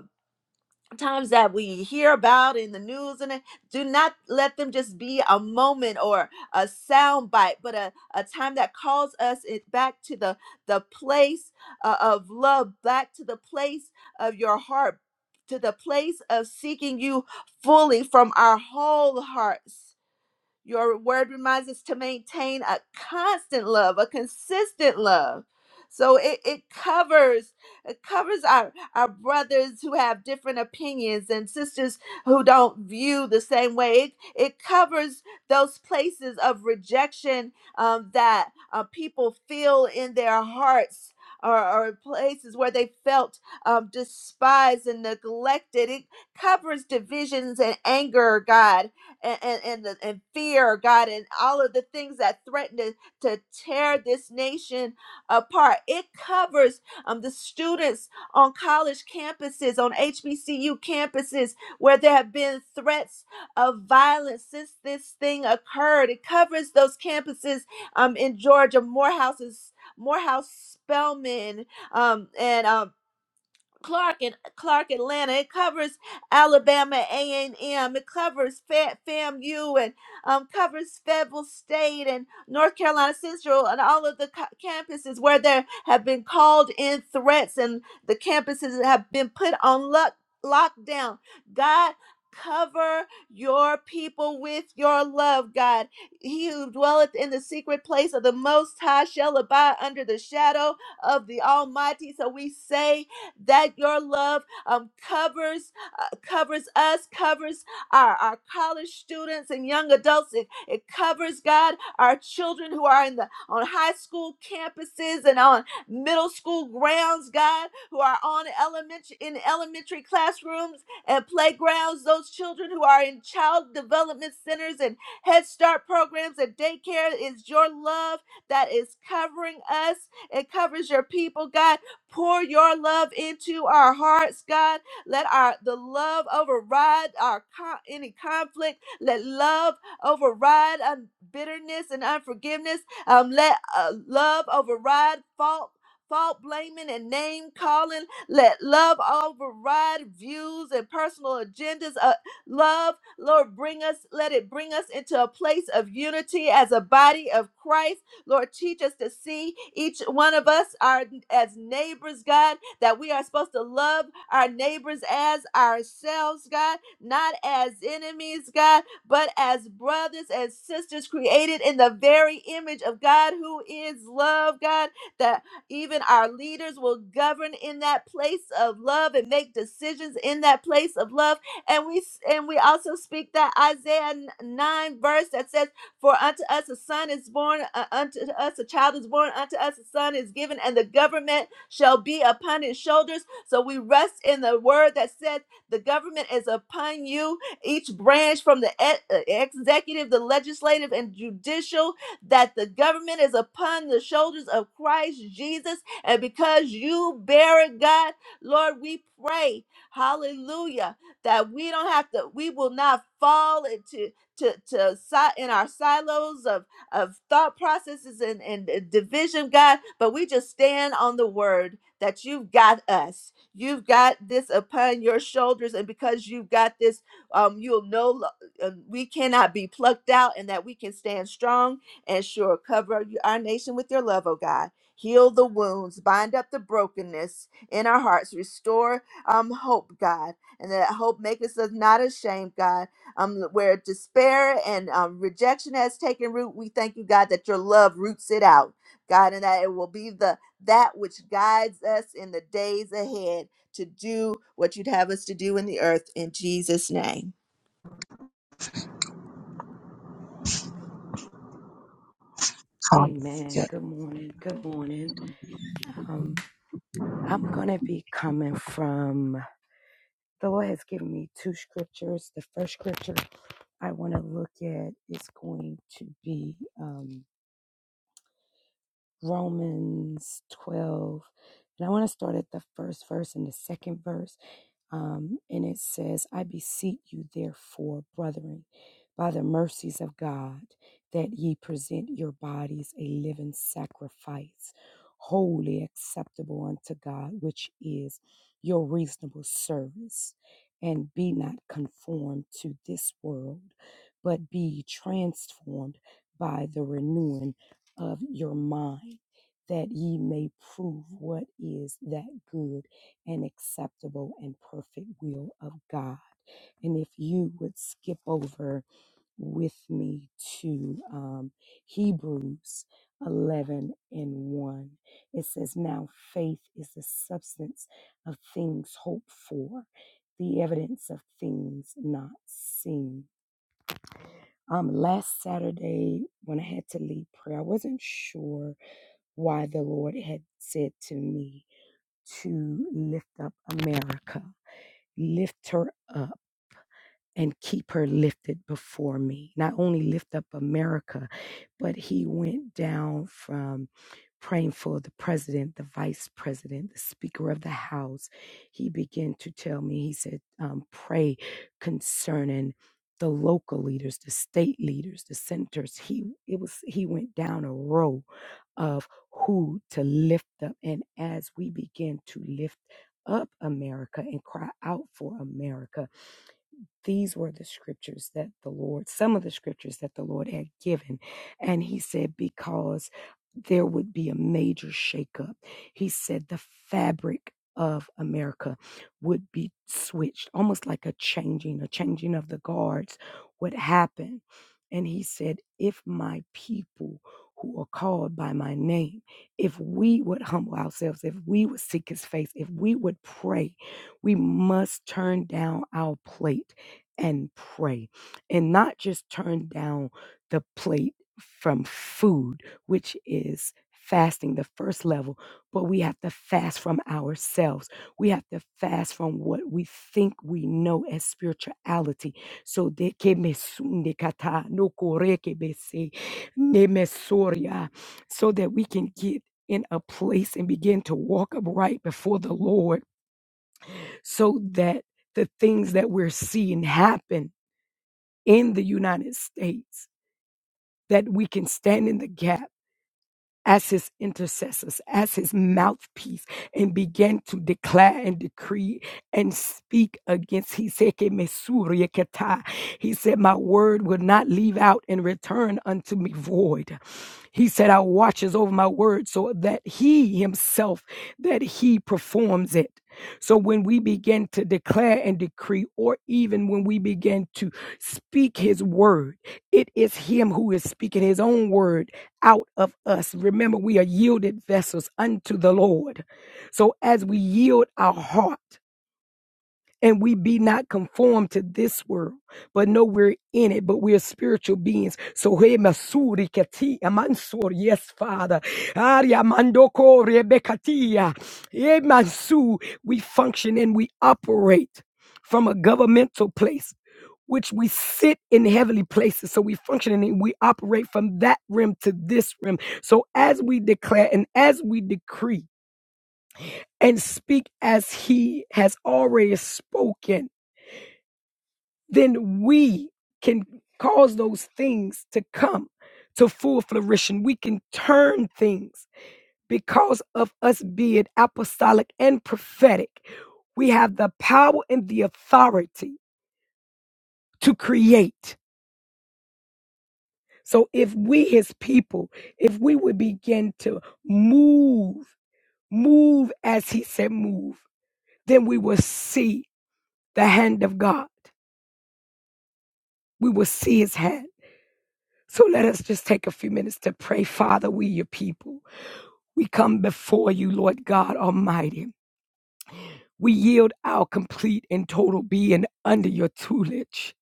S6: times that we hear about in the news and it, do not let them just be a moment or a sound bite but a, a time that calls us it back to the the place uh, of love back to the place of your heart to the place of seeking you fully from our whole hearts your word reminds us to maintain a constant love, a consistent love. So it, it covers it covers our, our brothers who have different opinions and sisters who don't view the same way. It, it covers those places of rejection um, that uh, people feel in their hearts or, or places where they felt um, despised and neglected. It covers divisions and anger, God and and and, the, and fear, God, and all of the things that threaten to, to tear this nation apart. It covers um, the students on college campuses, on HBCU campuses, where there have been threats of violence since this thing occurred. It covers those campuses um, in Georgia, Morehouse's Morehouse Spelman, um, and um, Clark and Clark Atlanta. It covers Alabama A and M. It covers Fa- FAMU and um, covers Fayetteville State and North Carolina Central and all of the co- campuses where there have been called in threats and the campuses have been put on lock lockdown. God. Cover your people with your love, God. He who dwelleth in the secret place of the Most High shall abide under the shadow of the Almighty. So we say, that your love um, covers uh, covers us, covers our, our college students and young adults. It, it covers God, our children who are in the on high school campuses and on middle school grounds, God, who are on elementary in elementary classrooms and playgrounds, those children who are in child development centers and Head Start programs and daycare is your love that is covering us. It covers your people, God Pour your love into our hearts, God. Let our the love override our co- any conflict. Let love override um, bitterness and unforgiveness. Um, let uh, love override fault. Fault blaming and name calling. Let love override views and personal agendas. Uh, love, Lord, bring us, let it bring us into a place of unity as a body of Christ. Lord, teach us to see each one of us are as neighbors, God, that we are supposed to love our neighbors as ourselves, God, not as enemies, God, but as brothers and sisters created in the very image of God who is love, God, that even our leaders will govern in that place of love and make decisions in that place of love. And we and we also speak that Isaiah 9 verse that says for unto us a son is born, uh, unto us a child is born, unto us a son is given, and the government shall be upon his shoulders. So we rest in the word that said, The government is upon you, each branch from the e- uh, executive, the legislative, and judicial, that the government is upon the shoulders of Christ Jesus. And because you bear it, God, Lord, we pray, hallelujah, that we don't have to, we will not fall into to, to si- in our silos of, of thought processes and, and uh, division, God, but we just stand on the word that you've got us. You've got this upon your shoulders, and because you've got this, um, you'll know lo- uh, we cannot be plucked out, and that we can stand strong and sure. Cover y- our nation with your love, oh God. Heal the wounds, bind up the brokenness in our hearts, restore um, hope, God, and that hope makes us not ashamed, God um, where despair and um, rejection has taken root. We thank you, God, that your love roots it out, God, and that it will be the that which guides us in the days ahead to do what you'd have us to do in the earth in Jesus' name.
S7: Amen. Good morning. Good morning. Um, I'm gonna be coming from the Lord has given me two scriptures. The first scripture I want to look at is going to be um, Romans 12, and I want to start at the first verse and the second verse. Um, and it says, I beseech you, therefore, brethren, by the mercies of God, that ye present your bodies a living sacrifice, wholly acceptable unto God, which is your reasonable service. And be not conformed to this world, but be transformed by the renewing of your mind, that ye may prove what is that good and acceptable and perfect will of God. And if you would skip over with me to um, Hebrews 11 and 1, it says, Now faith is the substance of things hoped for, the evidence of things not seen. Um, last Saturday, when I had to lead prayer, I wasn't sure why the Lord had said to me to lift up America lift her up and keep her lifted before me. Not only lift up America, but he went down from praying for the president, the vice president, the speaker of the house. He began to tell me, he said, um, pray concerning the local leaders, the state leaders, the senators. He it was he went down a row of who to lift up. And as we begin to lift up America and cry out for America these were the scriptures that the Lord, some of the scriptures that the Lord had given. And he said, because there would be a major shakeup. He said, the fabric of America would be switched, almost like a changing, a changing of the guards would happen. And he said, if my people who are called by my name, if we would humble ourselves, if we would seek his face, if we would pray, we must turn down our plate and pray and not just turn down the plate from food, which is fasting, the first level, but we have to fast from ourselves. We have to fast from what we think we know as spirituality. So de que me su- kata no kore que me se, ne me soria, so that we can get in a place and begin to walk upright before the Lord so that the things that we're seeing happen in the United States that we can stand in the gap as his intercessors, as his mouthpiece, and begin to declare and decree and speak against. He said, "Que me surie que ta." He said, My word will not leave out and return unto me void. He said, I watches over my word so that he himself, that he performs it. So when we begin to declare and decree, or even when we begin to speak his word, it is him who is speaking his own word out of us. Remember, we are yielded vessels unto the Lord. So as we yield our heart, and we be not conformed to this world, but no, we're in it, but we're spiritual beings. So hey, masuri kati amansur, yes, Father. Aria mandoko rebekatia. Hey, mansu, we function and we operate from a governmental place. Which we sit in heavenly places. So we function and we operate from that rim to this rim. So as we declare and as we decree and speak as he has already spoken, then we can cause those things to come to full flourishing. We can turn things because of us being apostolic and prophetic. We have the power and the authority to create. So if we, his people, if we would begin to move, move as he said, move, then we will see the hand of God. We will see his hand. So let us just take a few minutes to pray, Father, we your people. We come before you, Lord God Almighty. We yield our complete and total being under your tutelage.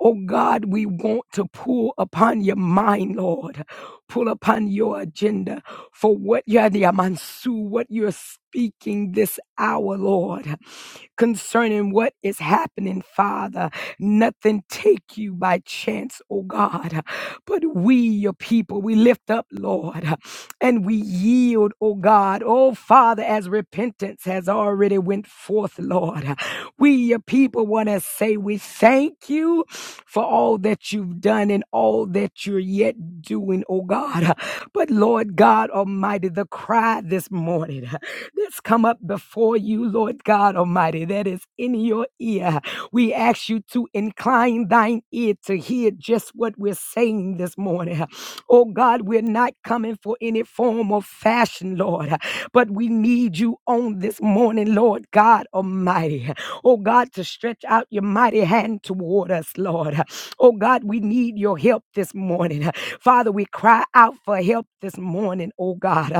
S7: Oh God, we want to pull upon your mind, Lord. Pull upon your agenda for what you're the Amansu, what you're speaking this hour, Lord concerning what is happening, Father. Nothing take you by chance, oh God. But we, your people, we lift up, Lord, and we yield, oh God. Oh Father, as repentance has already went forth, Lord. We, your people, want to say we thank you for all that you've done and all that you're yet doing, oh God. But Lord God Almighty, the cry this morning that's come up before you, Lord God Almighty, that is in your ear. We ask you to incline thine ear to hear just what we're saying this morning. Oh God, we're not coming for any form or fashion, Lord, but we need you on this morning, Lord God Almighty. Oh God, to stretch out your mighty hand toward us, Lord. Oh God, we need your help this morning. Father, we cry out for help this morning, oh God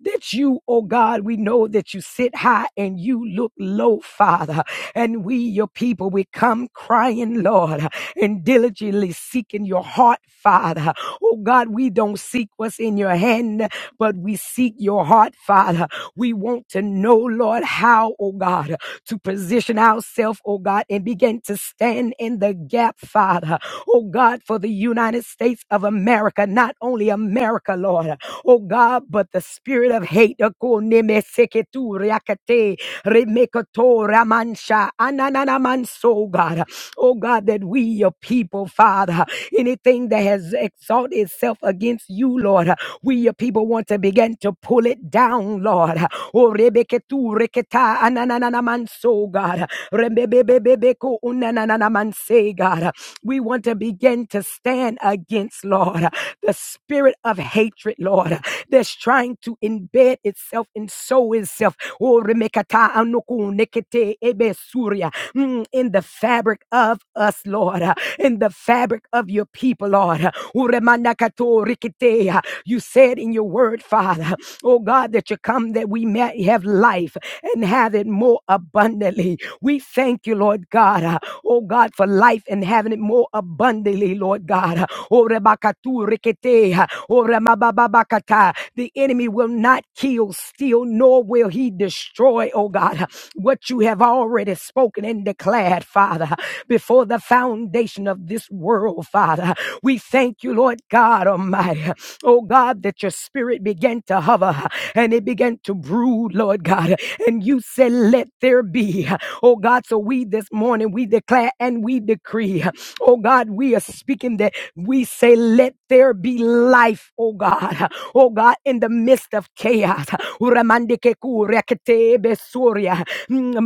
S7: that you, oh God, we know that you sit high and you look low, Father. And we, your people, we come crying, Lord, and diligently seeking your heart, Father. Oh God, we don't seek what's in your hand, but we seek your heart, Father. We want to know, Lord, how, oh God, to position ourselves, oh God, and begin to stand in the gap, Father. Oh God, for the United States of America, not only America, Lord, oh God, but the spirit of hate, Okonemeseketu riakate, remekoto ramansha, anananamanso, oh God, oh God, that we, your people, Father, anything that has exalted itself against you, Lord, we, your people, want to begin to pull it it down, Lord. Oh, rebeketu reketa ananana manso, God. Rebebebebebeko unanana manse, God. We want to begin to stand against, Lord, the spirit of hatred, Lord, that's trying to embed itself and sow itself. Oh, remekata anuku nekete ebe surya. Mm, in the fabric of us, Lord, in the fabric of your people, Lord. Uremanakato rikite. You said in your word, Father. Oh God, that you come that we may have life and have it more abundantly. We thank you, Lord God. uh, Oh God, for life and having it more abundantly, Lord God. Uh, Orebakatu reketea. Oramabababakata. The enemy will not kill, steal, nor will he destroy, oh God, what you have already spoken and declared, Father, before the foundation of this world, Father. We thank you, Lord God Almighty, oh God, that your spirit began to hover and it began to brood, Lord God. And you said, Let there be, oh God. So so we this morning, we declare and we decree. Oh God, we are speaking that we say, let there be life, oh God. Oh God, in the midst of chaos. Uramandikeku reketebe surya. Mm,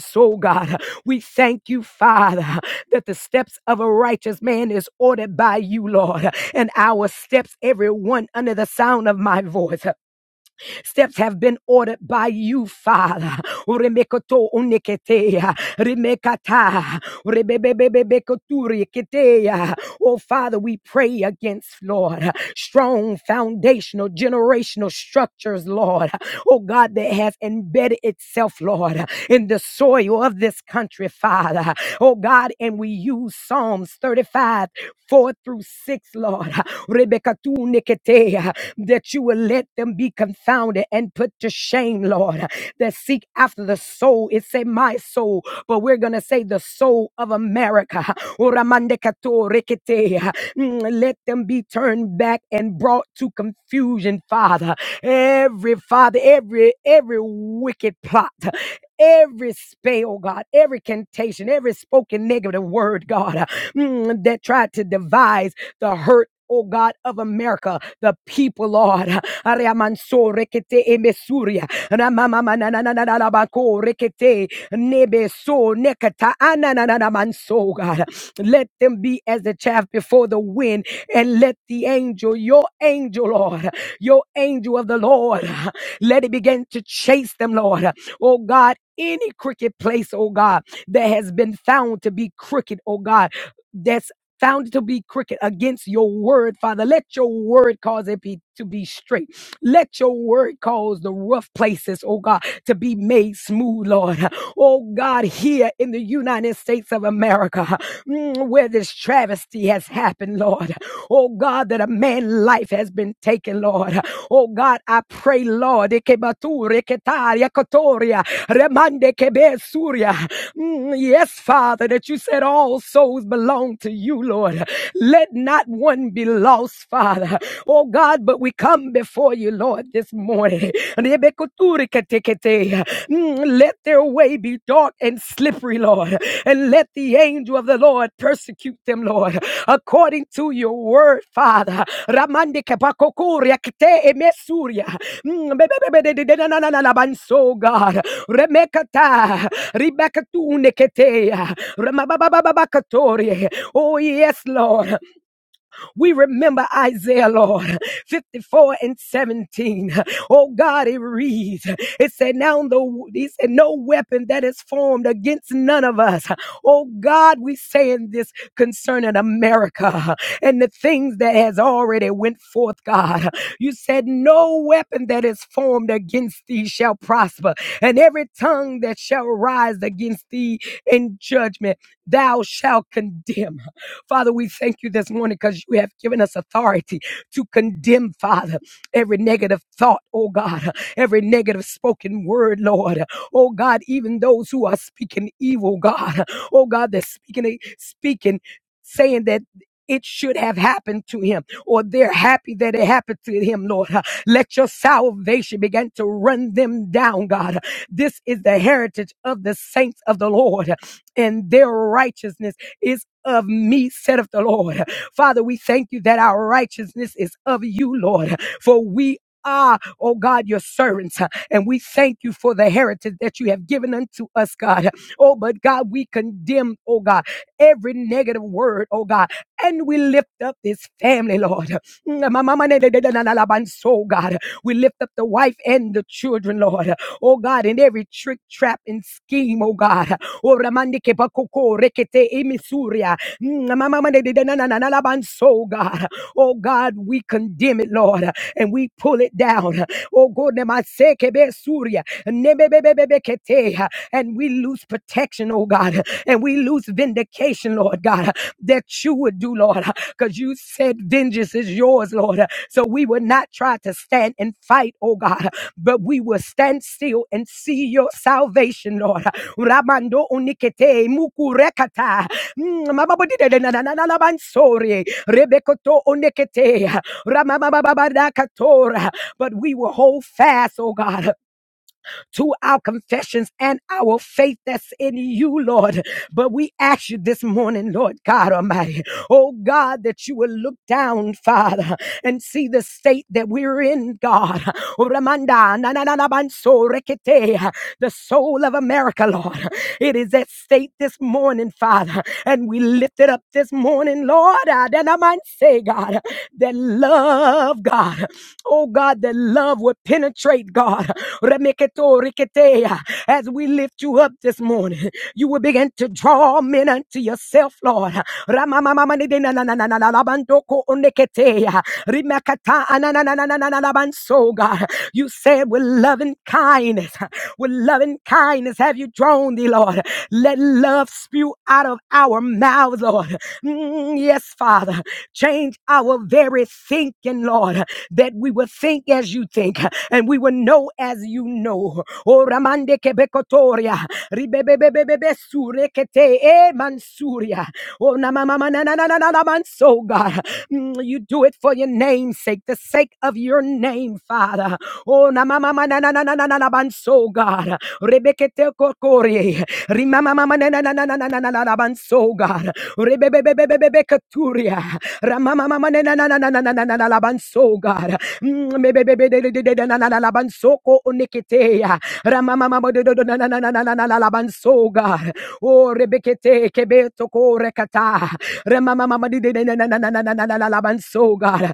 S7: So God, we thank you, Father, that the steps of a righteous man is ordered by you, Lord, and our steps, everyone under the sound of my voice. Steps have been ordered by you, Father. Uremekoto uneketea, remekata, urebebebebebekoturi ketea. Oh, Father, we pray against, Lord, strong foundational generational structures, Lord. Oh, God, that has embedded itself, Lord, in the soil of this country, Father. Oh God, and we use Psalms 35, 4 through 6, Lord. Rebecca tu niketea, That you will let them be confounded and put to shame, Lord. That seek after the soul. It say my soul, but we're gonna say the soul of America. Oramande kato reketea. Mm, Let them be turned back and brought to confusion, Father. Every father, every every wicked plot, every spell, God, every contation, every spoken negative word, God, uh, mm, that tried to devise the hurt. Oh God of America, the people, Lord. Ariamanso rekete emesuria. Ramamamanabanako rekete nebeso nekata anananamanso, God. Let them be as the chaff before the wind, and let the angel, your angel, Lord your angel of the Lord. Let it begin to chase them, Lord. Oh God, any crooked place, oh God, that has been found to be crooked, oh God. That's found to be crooked against your word, Father. Let your word cause it be, to be straight. Let your word cause the rough places, oh God, to be made smooth, Lord. Oh God, here in the United States of America, mm, where this travesty has happened, Lord. Oh God, that a man's life has been taken, Lord. Oh God. God, I pray, Lord, Ikebaturi, Ketaria, Kotoria, Remande, Kebe, Mm, Yes, Father, that you said all souls belong to you, Lord. Let not one be lost, Father. Oh God, but we come before you, Lord, this morning. Rebekuturi, Ketekete. Mm, Let their way be dark dark and slippery, Lord. And let the angel of the Lord persecute them, Lord, according to your word, Father. Ramande kapakokoria kte emesuria. Mm, God. Remekata, ribakatune ketea, ramababababakatorie. Oh, yes, Lord. We remember Isaiah, Lord, 54 and 17. Oh God, it reads. It said, Now the he said, no weapon that is formed against none of us. Oh God, we saying this concerning America and the things that has already went forth, God. You said, No weapon that is formed against thee shall prosper, and every tongue that shall rise against thee in judgment, thou shalt condemn. Father, we thank you this morning because you have given us authority to condemn, Father, every negative thought, oh God, every negative spoken word, Lord. Oh God, even those who are speaking evil, God. Oh God, they're speaking, speaking, saying that it should have happened to him, or they're happy that it happened to him, Lord. Let your salvation begin to run them down, God. This is the heritage of the saints of the Lord and their righteousness is of me, saith the Lord. Father, we thank you that our righteousness is of you, Lord, for we are, oh God, your servants. And we thank you for the heritage that you have given unto us, God. Oh, but God, we condemn, oh God, every negative word, oh God. And we lift up this family, Lord. So, God, we lift up the wife and the children, Lord. Oh God, in every trick, trap, and scheme, oh God. O ramande ke bakoko rekete imisuria. Mm, mama mande de de na na na na la banso, God. Oh God, we condemn it, Lord, and we pull it down. Oh God, namase ke be suria. Nebe be be be be kete. and we lose protection, oh God, and we lose vindication, Lord God, that you would do, Lord, because you said vengeance is yours, Lord. So we will not try to stand and fight, oh God, but we will stand still and see your salvation, Lord. Ramando unikete mukurekata. Mm, mababodidededadadadabansorie, rebekoto unikete, ramababababadakatora. But we will hold fast, oh God to our confessions and our faith that's in you, Lord. But we ask you this morning, Lord God Almighty, oh God, that you will look down, Father, and see the state that we're in, God. Ramanda, na, na, na, na, banso, rekete, The soul of America, Lord. It is at state this morning, Father. And we lift it up this morning, Lord. Ah, I might say, God, that love, God. Oh God, that love would penetrate, God. Remeketo riketea. As we lift you up this morning, you will begin to draw men unto yourself, Lord. Ramamamamanedenanananananabandoko oneketea. Rimakata ananananananabanso, God. You said with loving kindness, with loving kindness have you drawn thee, Lord. Let love spew out of our mouths, Lord. Mm, yes, Father. Change our very thinking, Lord that we will think as you think and we will know as you know. Oh, Ramande Kebekotoria, Ribebebebebe Surekete, eh, Mansuria. Oh, na ma ma ma na na na na na na Manso, God. Mm, You do it for your name's sake, the sake of your name, Father. Oh, na ma ma ma na na na na na na na Manso, God. Rebekete Kokorie, Rimama ma ma ma na na na na na na na na na God. Rebebebebebebe Katuria, Ramama mama na na na na na na na na na la bansoga. Mmm, maybe be be de de de na na na la bansoko unikiteya. Ramama mama do do na na na na na na na na la bansoga. Oh Rebecca, take beto korekata. Ramama mama di di na na na na na na na na la bansoga.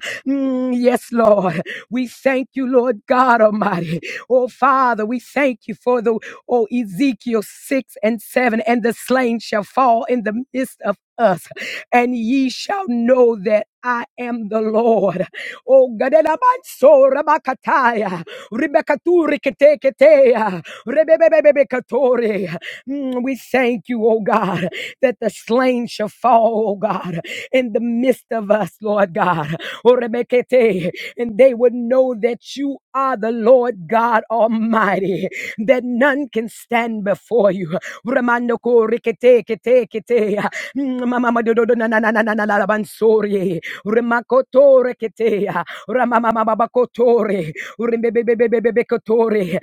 S7: Yes, Lord, we thank you, Lord God Almighty, oh Father, we thank you for the oh Ezekiel six and seven, and the slain shall fall in the midst of us and ye shall know that I am the Lord. Oh, Gadelabanso Rabakataya, Rebekaturi Keteketea, Rebebebebekatore. Mm, We thank you, oh God, that the slain shall fall, oh God, in the midst of us, Lord God. Oh, Rebekete, And they would know that you are the Lord God Almighty, that none can stand before you. Ramandoko Rikete Kete Kete. Mama do do do na na na na na na la bansori. Remakotore ketea. Ramama mama bakotore. Urembebebebebebekotore.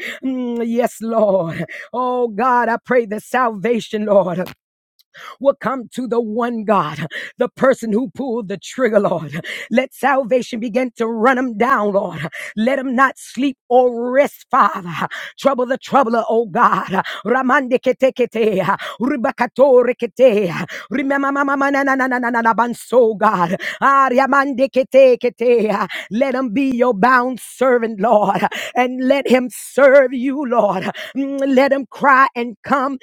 S7: Yes, Lord. Oh God, I pray the salvation, Lord will come to the one God, the person who pulled the trigger, Lord. Let salvation begin to run them down, Lord. Let them not sleep or rest, Father. Trouble the troubler, oh God. Ramande kete kete, ribakato rekete, rimamamamamanabanso, God. Ariamande kete kete. Let him be your bound servant, Lord, and let him serve you, Lord. Mm, Let him cry and come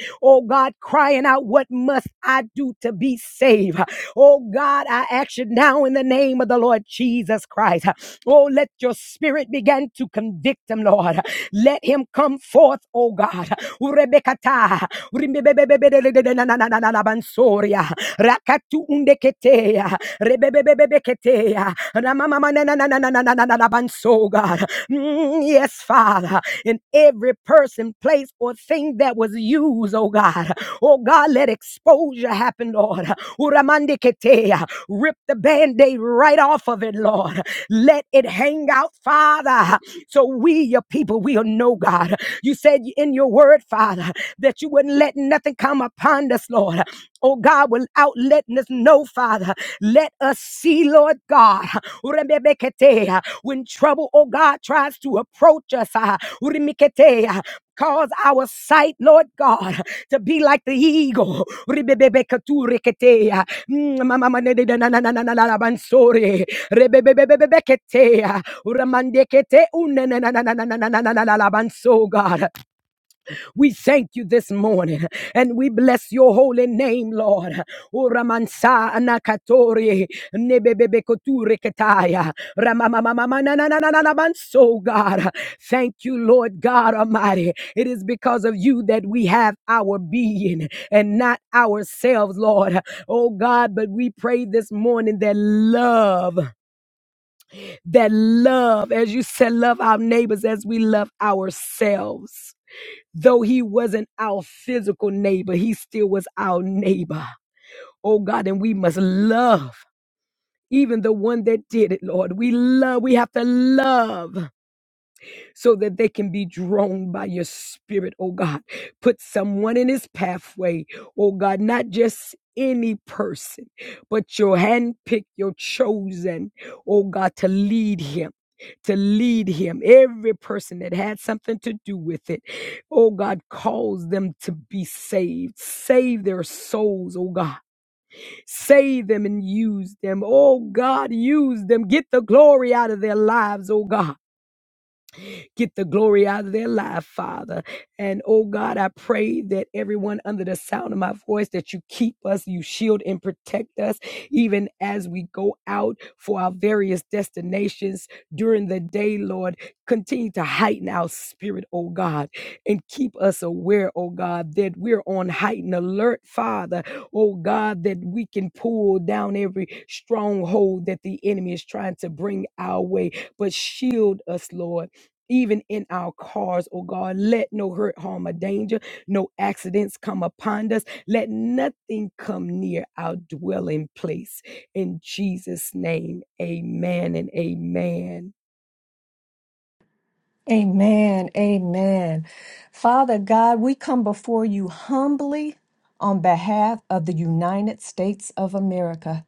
S7: In every person, place, or thing that was used, oh God. Oh God, let exposure happen, Lord. Uramandiketea. Rip the band aid right off of it, Lord. Let it hang out, Father, so we, your people, we'll know, God. You said in your word, Father, that you wouldn't let nothing come upon us, Lord. Oh God, without letting us know, Father, let us see, Lord God, Urembebeketea. when trouble, oh God, tries to approach us. ah, Urimiketea. Cause our sight, Lord God, to be like the eagle. Ribebebekatureketea. Mm, mamamanedenanananananabansore. Rebebebebebeketea. Uramandekete unenanananananananabanso, God. We thank you this morning and we bless your holy name, Lord. Uramansa anakatori nebebebekoture ketaya ramamamamamanamanso, God. Thank you, Lord God Almighty. It is because of you that we have our being and not ourselves, Lord. Oh God, but we pray this morning that love, that love, as you said, love our neighbors as we love ourselves. Though he wasn't our physical neighbor, he still was our neighbor. Oh God, and we must love even the one that did it, Lord. We love, we have to love so that they can be drawn by your spirit, oh God. Put someone in his pathway, oh God, not just any person, but your handpicked, your chosen, oh God, to lead him. To lead him, every person that had something to do with it, oh God, cause them to be saved. Save their souls, oh God. Save them and use them, oh God, use them. Get the glory out of their lives, oh God. Get the glory out of their life, Father. And oh God, I pray that everyone under the sound of my voice, that you keep us, you shield and protect us, even as we go out for our various destinations during the day, Lord. Continue to heighten our spirit, oh God, and keep us aware, oh God, that we're on heightened alert, Father, oh God, that we can pull down every stronghold that the enemy is trying to bring our way. But shield us, Lord even in our cars, oh God. Let no hurt, harm, or danger, no accidents come upon us. Let nothing come near our dwelling place. In Jesus' name, amen and amen.
S8: Amen. Amen. Father God, we come before you humbly on behalf of the United States of America.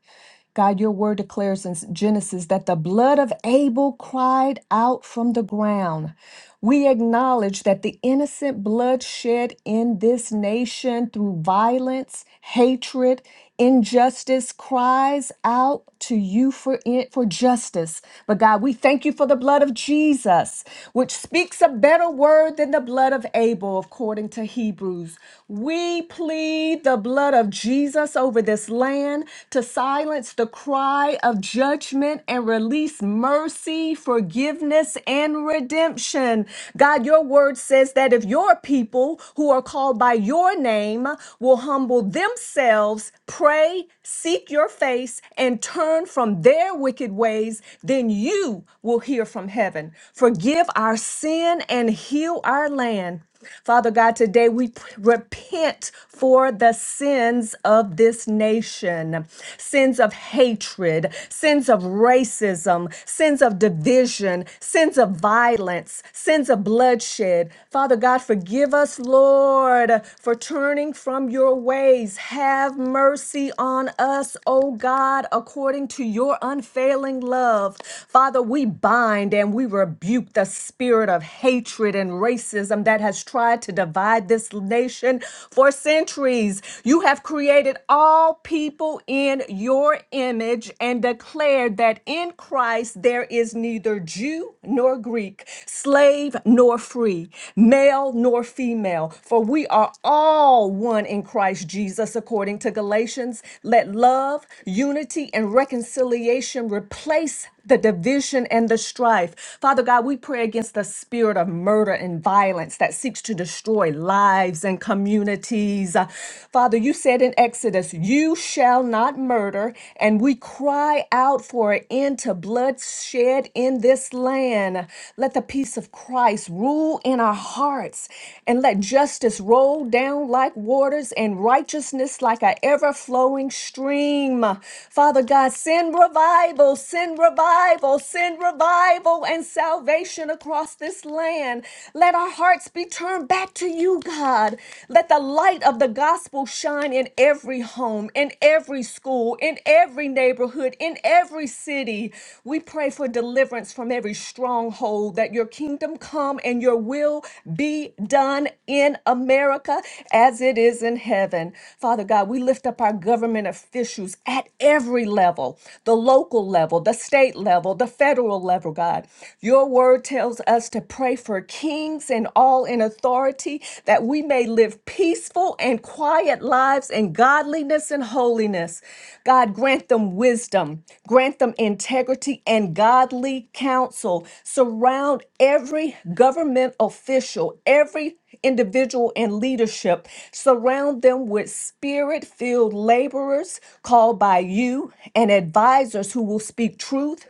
S8: God, your word declares in Genesis that the blood of Abel cried out from the ground. We acknowledge that the innocent blood shed in this nation through violence, hatred, injustice cries out to you for it for justice. But God, we thank you for the blood of Jesus, which speaks a better word than the blood of Abel, according to Hebrews. We plead the blood of Jesus over this this land to silence the cry of judgment and release mercy, forgiveness, and redemption. God, your word says that if your people who are called by your name will humble themselves, pray, seek your face, and turn from their wicked ways, then you will hear from heaven. Forgive our sin and heal our land. Father God, today we p- repent for the sins of this nation sins of hatred, sins of racism, sins of division, sins of violence, sins of bloodshed. Father God, forgive us, Lord, for turning from your ways. Have mercy on us, O God, according to your unfailing love. Father, we bind and we rebuke the spirit of hatred and racism that has tried to divide this nation for centuries. You have created all people in your image and declared that in Christ there is neither Jew nor Greek, slave nor free, male nor female, for we are all one in Christ Jesus, according to Galatians. Let love, unity, and reconciliation replace the division and the strife. Father God, we pray against the spirit of murder and violence that seeks to destroy lives and communities. Uh, Father, you said in Exodus, You shall not murder, and we cry out for an end to bloodshed in this land. Let the peace of Christ rule in our hearts and let justice roll down down like waters and righteousness like an ever flowing stream. Father God, send revival, send revival, send revival and salvation across this land. Let our hearts be turned back to you, God. Let the light of the gospel shine in every home, in every school, in every neighborhood, in every city. We pray for deliverance from every stronghold, that your kingdom come and your will be done in America as it is in heaven. Father God, we lift up our government officials at every level the local level, the state level, the federal level, God. Your word tells us to pray for kings and all in authority that we may live live peaceful and quiet lives in godliness and holiness. God, grant them wisdom, grant them integrity and godly counsel. Surround every government official, every individual in leadership. Surround them with spirit filled laborers called by you and advisors who will speak truth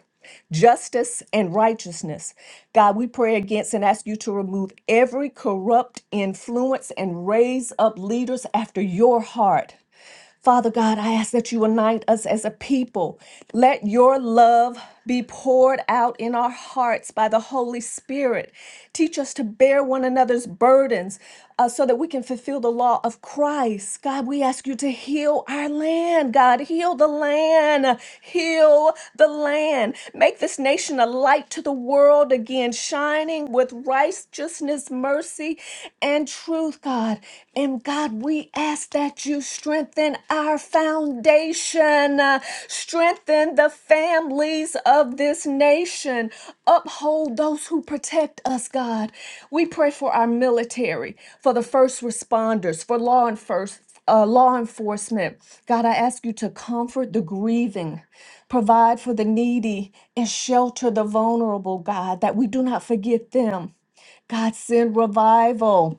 S8: justice, and righteousness. God, we pray against and ask you to remove every corrupt influence and raise up leaders after your heart. Father God, I ask that you unite us as a people. Let your love be poured out in our hearts by the Holy Spirit. Teach us to bear one another's burdens uh, so that we can fulfill the law of Christ. God, we ask you to heal our land. God, heal the land. Heal the land. Make this nation a light to the world again, shining with righteousness, mercy, and truth, God. And God, we ask that you strengthen our foundation, uh, strengthen the families of this nation, uphold those who protect us, God. We pray for our military, for the first responders, for law enforcement. Uh, law enforcement. God, I ask you to comfort the grieving, provide for the needy, and shelter the vulnerable, God, that we do not forget them. God, send revival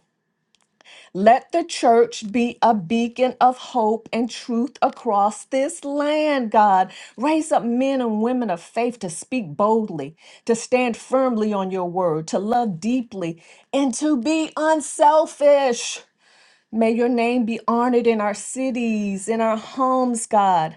S8: let the church be a beacon of hope and truth across this land, God. Raise up men and women of faith to speak boldly, to stand firmly on your word, to love deeply, and to be unselfish. May your name be honored in our cities, in our homes, God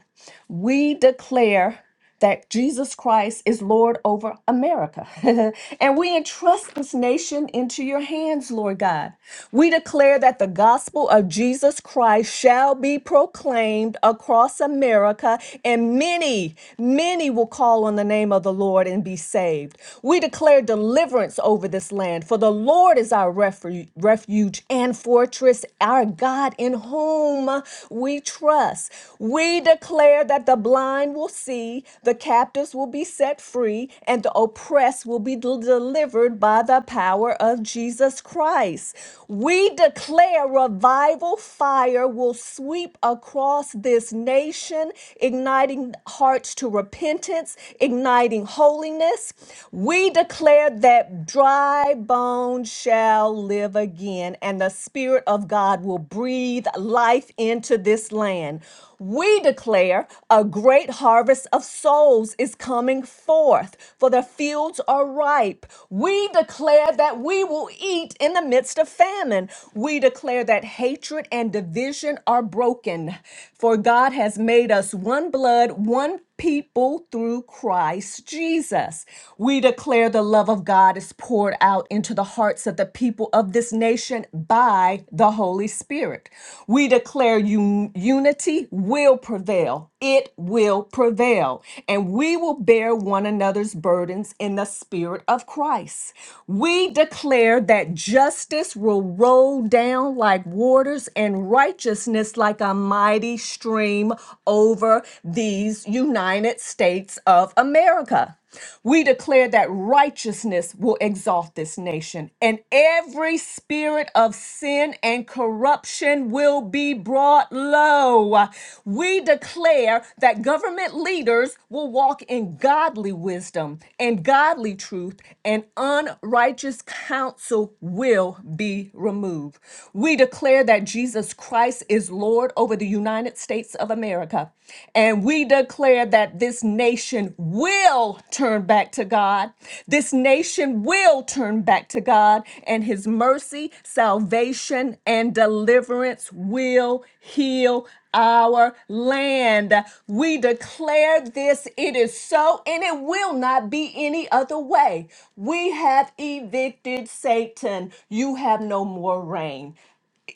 S8: we declare that Jesus Christ is Lord over America. and we entrust this nation into your hands, Lord God. We declare that the gospel of Jesus Christ shall be proclaimed across America, and many, many will call on the name of the Lord and be saved. We declare deliverance over this land, for the Lord is our refu- refuge and fortress, our God in whom whom we trust. We declare that the blind will see, the captives will be set free, and the oppressed will be del- delivered by the power of Jesus Christ. We declare revival fire will sweep across this nation, igniting hearts to repentance, igniting holiness. We declare that dry bones shall live live again, and the Spirit of God will breathe life into this land. We declare a great harvest of souls is coming forth, for the fields are ripe. We declare that we will eat in the midst of famine. We declare that hatred and division are broken, for God has made us one blood, one people through Christ Jesus. We declare the love of God is poured out into the hearts of the people of this nation by the Holy Spirit. We declare un- unity will prevail. It will prevail. And we will bear one another's burdens in the spirit of Christ. We declare that justice will roll down like waters and righteousness like a mighty stream name over these United States of America. We declare that righteousness will exalt this nation, and every spirit of sin and corruption will be brought low. We declare that government leaders will walk in godly wisdom and godly truth, and unrighteous counsel will be removed. We declare that Jesus Christ is is Lord over the United States of America. And we declare that this nation will turn back to God. This nation will turn back to God, and His mercy, salvation, and deliverance will heal our land. We declare this, it is so, and it will not be any other way. We have evicted Satan. You have no more reign.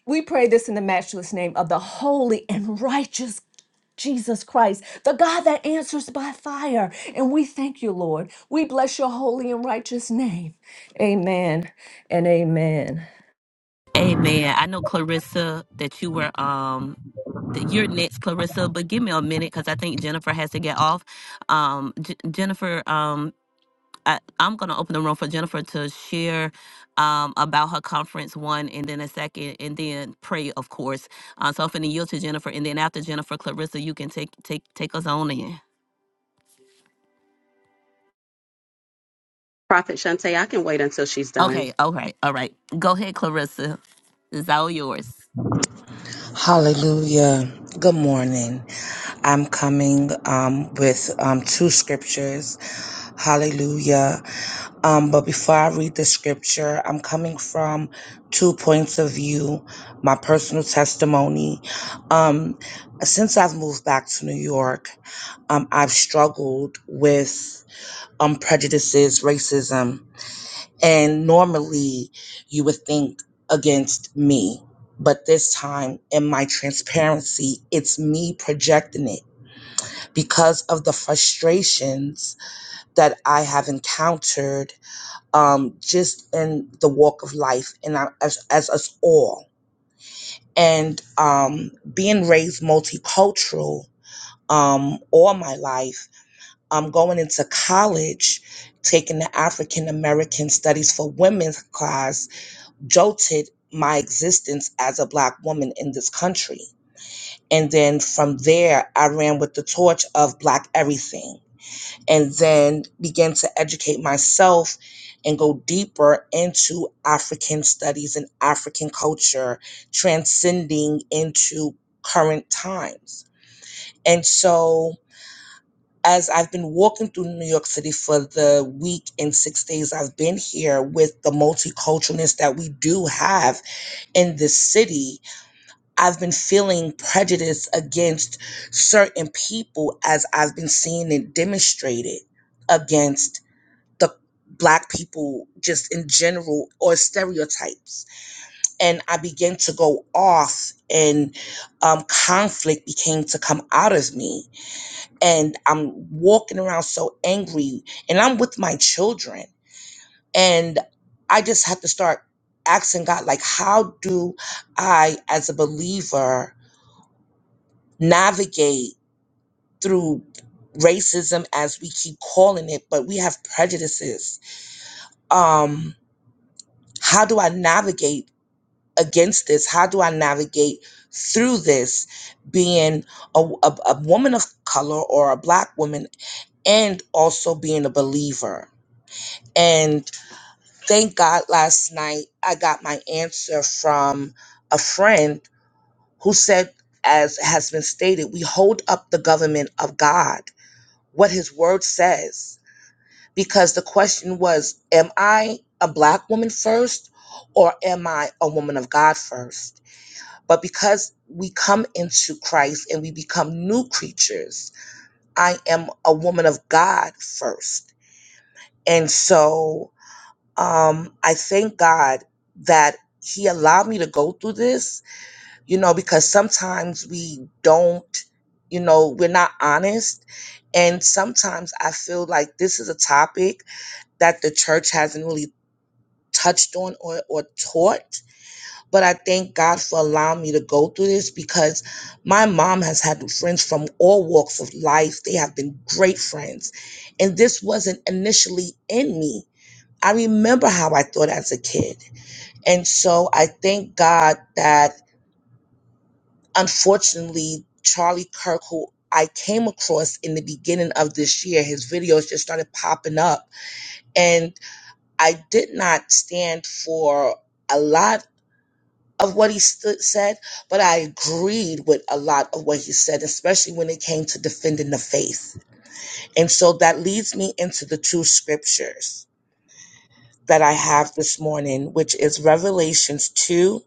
S8: We pray this in the matchless name of the holy and righteous Jesus Christ, the God that answers by fire. And we thank you, Lord. We bless your holy and righteous name. Amen and amen.
S1: Amen. I know Clarissa that you were um that you're next, Clarissa, but give me a minute because I think Jennifer has to get off. Um, J- Jennifer, um, I, I'm gonna open the room for Jennifer to share um about her conference one, and then a second, and then pray, of course. Uh, so I'm finna yield to Jennifer, and then after Jennifer, Clarissa, you can take take take us on in.
S9: Prophet Shante, I can wait until she's done.
S1: Okay. All right. All right. Go ahead, Clarissa. It's all yours.
S2: Hallelujah. Good morning. I'm coming um, with um, two scriptures. Hallelujah. Um, but before I read the scripture, I'm coming from two points of view, my personal testimony. Um, since I've moved back to New York, um, I've struggled with um, prejudices, racism. And normally you would think against me. But this time, in my transparency, it's me projecting it because of the frustrations that I have encountered um, just in the walk of life and I- as, as us all. And um, being raised multicultural um, all my life, um, going into college, taking the African American Studies for Women's class jolted my existence as a black woman in this country. And then from there, I ran with the torch of black everything and then began to educate myself and go deeper into African studies and African culture, transcending into current times. And so, as I've been walking through New York City for the week and six days I've been here with the multiculturalness that we do have in this city, I've been feeling prejudice against certain people as I've been seeing it demonstrated against the black people just in general or stereotypes. And I began to go off and um, conflict began to come out of me. And I'm walking around so angry and I'm with my children. And I just have to start asking God, like, how do I, as a believer, navigate through racism as we keep calling it but we have prejudices um how do i navigate against this how do i navigate through this being a, a, a woman of color or a black woman and also being a believer and thank god last night i got my answer from a friend who said as has been stated we hold up the government of god what his word says because the question was am i a black woman first or am i a woman of god first but because we come into christ and we become new creatures i am a woman of god first and so um i thank god that he allowed me to go through this you know because sometimes we don't you know we're not honest and sometimes i feel like this is a topic that the church hasn't really touched on or, or taught. But I thank God for allowing me to go through this because my mom has had friends from all walks of life. They have been great friends. And this wasn't initially in me. I remember how I thought as a kid. And so I thank God that unfortunately, Charlie Kirk, who I came across in the beginning of this year, his videos just started popping up and. I did not stand for a lot of what he stood, said, but I agreed with a lot of what he said, especially when it came to defending the faith. And so that leads me into the two scriptures that I have this morning, which is Revelations 2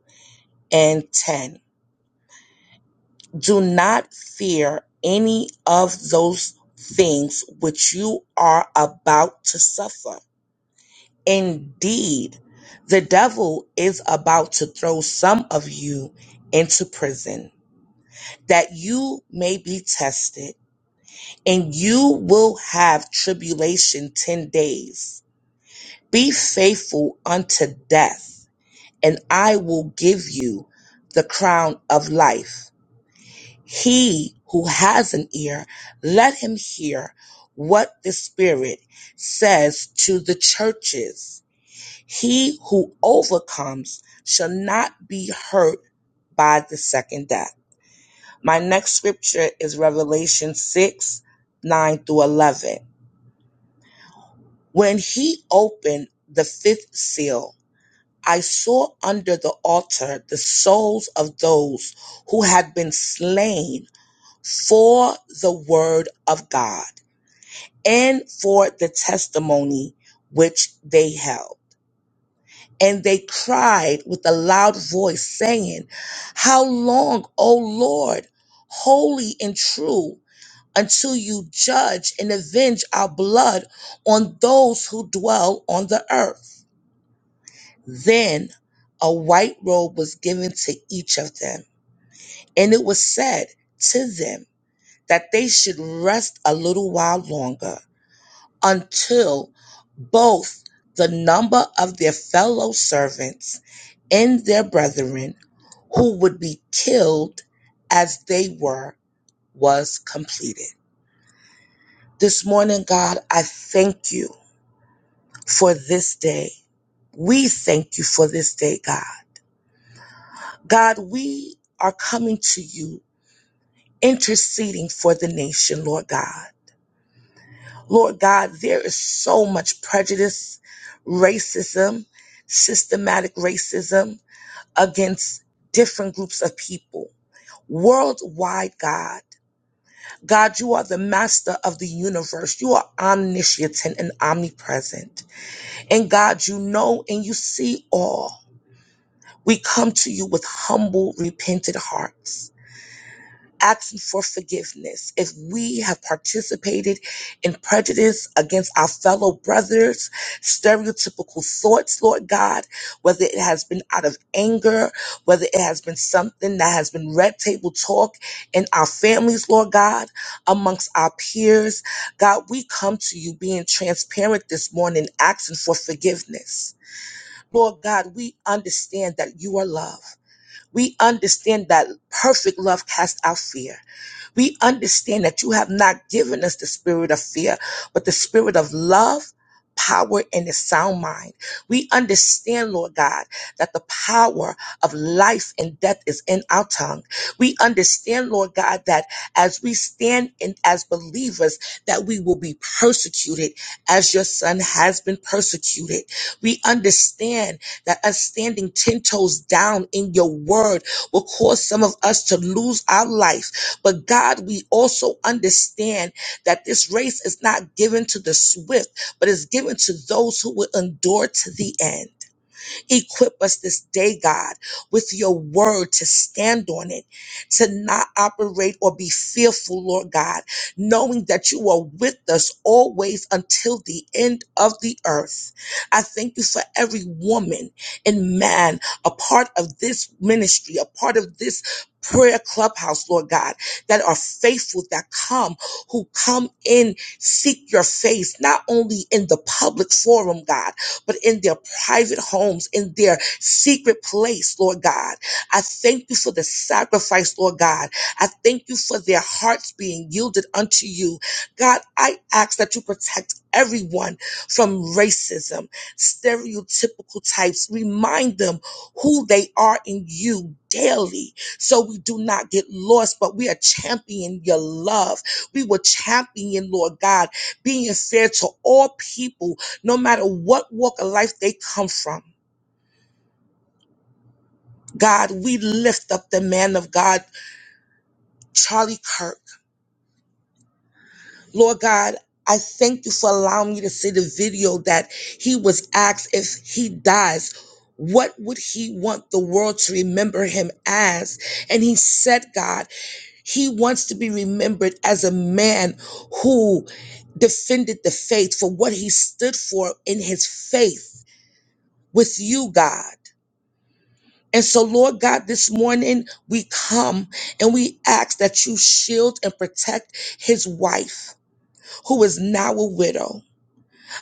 S2: and 10. Do not fear any of those things which you are about to suffer. Indeed, the devil is about to throw some of you into prison, that you may be tested, and you will have tribulation 10 days. Be faithful unto death, and I will give you the crown of life. He who has an ear, let him hear what the Spirit says to the churches. He who overcomes shall not be hurt by the second death. My next scripture is Revelation 6 9 through 11. When he opened the fifth seal, I saw under the altar the souls of those who had been slain for the word of God and for the testimony which they held And they cried with a loud voice, saying, How long, O Lord, holy and true, until you judge and avenge our blood on those who dwell on the earth? Then a white robe was given to each of them, and it was said to them that they should rest a little while longer until both the number of their fellow servants and their brethren who would be killed as they were was completed. This morning, God, I thank you for this day. We thank you for this day, God. God, we are coming to you interceding for the nation, Lord God. Lord God, there is so much prejudice, racism, systematic racism against different groups of people worldwide, God. God, you are the master of the universe. You are omniscient and omnipresent. And God, you know and you see all. We come to you with humble, repentant hearts. asking for forgiveness if we have participated in prejudice against our fellow brothers, stereotypical thoughts, Lord God, whether it has been out of anger, whether it has been something that has been red table talk in our families, Lord God, amongst our peers. God, we come to you being transparent this morning, asking for forgiveness. Lord God, we understand that you are love. We understand that perfect love casts out fear. We understand that you have not given us the spirit of fear, but the spirit of love, power, and a sound mind. We understand, Lord God, that the power of life and death is in our tongue. We understand, Lord God, that as we stand in as believers, that we will be persecuted as your son has been persecuted. We understand that us standing 10 toes down in your word will cause some of us to lose our life but God, we also understand that this race is not given to the swift, but is given to those who will endure to the end. Equip us this day, God, with your word to stand on it, to not operate or be fearful, Lord God, knowing that you are with us always until the end of the earth. I thank you for every woman and man, a part of this ministry, a part of this prayer clubhouse, Lord God, that are faithful, that come, who come in, seek your face, not only in the public forum, God, but in their private homes, in their secret place, Lord God. I thank you for the sacrifice, Lord God. I thank you for their hearts being yielded unto you. God, I ask that you protect everyone from racism, stereotypical types. Remind them who they are in you daily so we do not get lost, but we are championing your love. We will champion, Lord God, being fair to all people no matter what walk of life they come from. God, we lift up the man of God, Charlie Kirk. Lord God, I thank you for allowing me to see the video that he was asked if he dies, what would he want the world to remember him as? And he said, God, he wants to be remembered as a man who defended the faith for what he stood for in his faith with you, God. And so, Lord God, this morning we come and we ask that you shield and protect his wife, who is now a widow.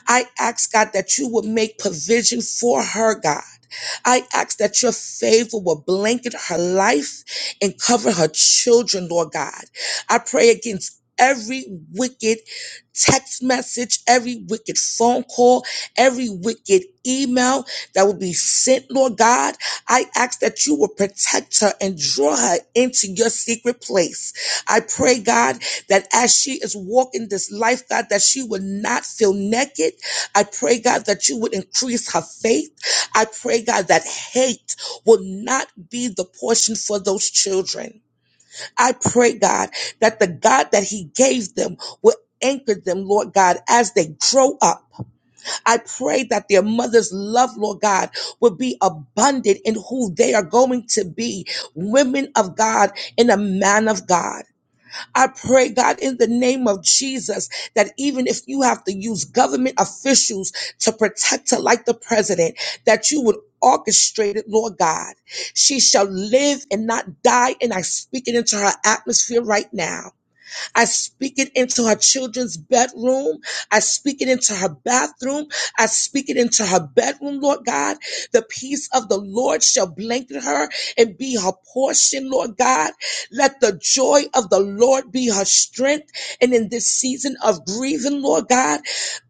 S2: I ask, God, that you would make provision for her, God. I ask that your favor will blanket her life and cover her children, Lord God. I pray against every wicked text message, every wicked phone call, every wicked email that will be sent, Lord God. I ask that you will protect her and draw her into your secret place. I pray, God, that as she is walking this life, God, that she will not feel naked I pray, God, that you would increase her faith. I pray, God, that hate will not be the portion for those children. I pray, God, that the God that He gave them will anchor them, Lord God, as they grow up. I pray that their mother's love, Lord God, will be abundant in who they are going to be, women of God and a man of God. I pray, God, in the name of Jesus, that even if you have to use government officials to protect her, like the president, that you would orchestrate it, Lord God. She shall live and not die. And I speak it into her atmosphere right now. I speak it into her children's bedroom. I speak it into her bathroom. I speak it into her bedroom, Lord God. The peace of the Lord shall blanket her and be her portion, Lord God. Let the joy of the Lord be her strength. And in this season of grieving, Lord God,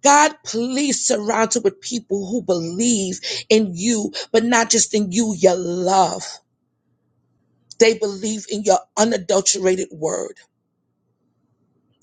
S2: God, please surround her with people who believe in you, but not just in you, your love. They believe in your unadulterated word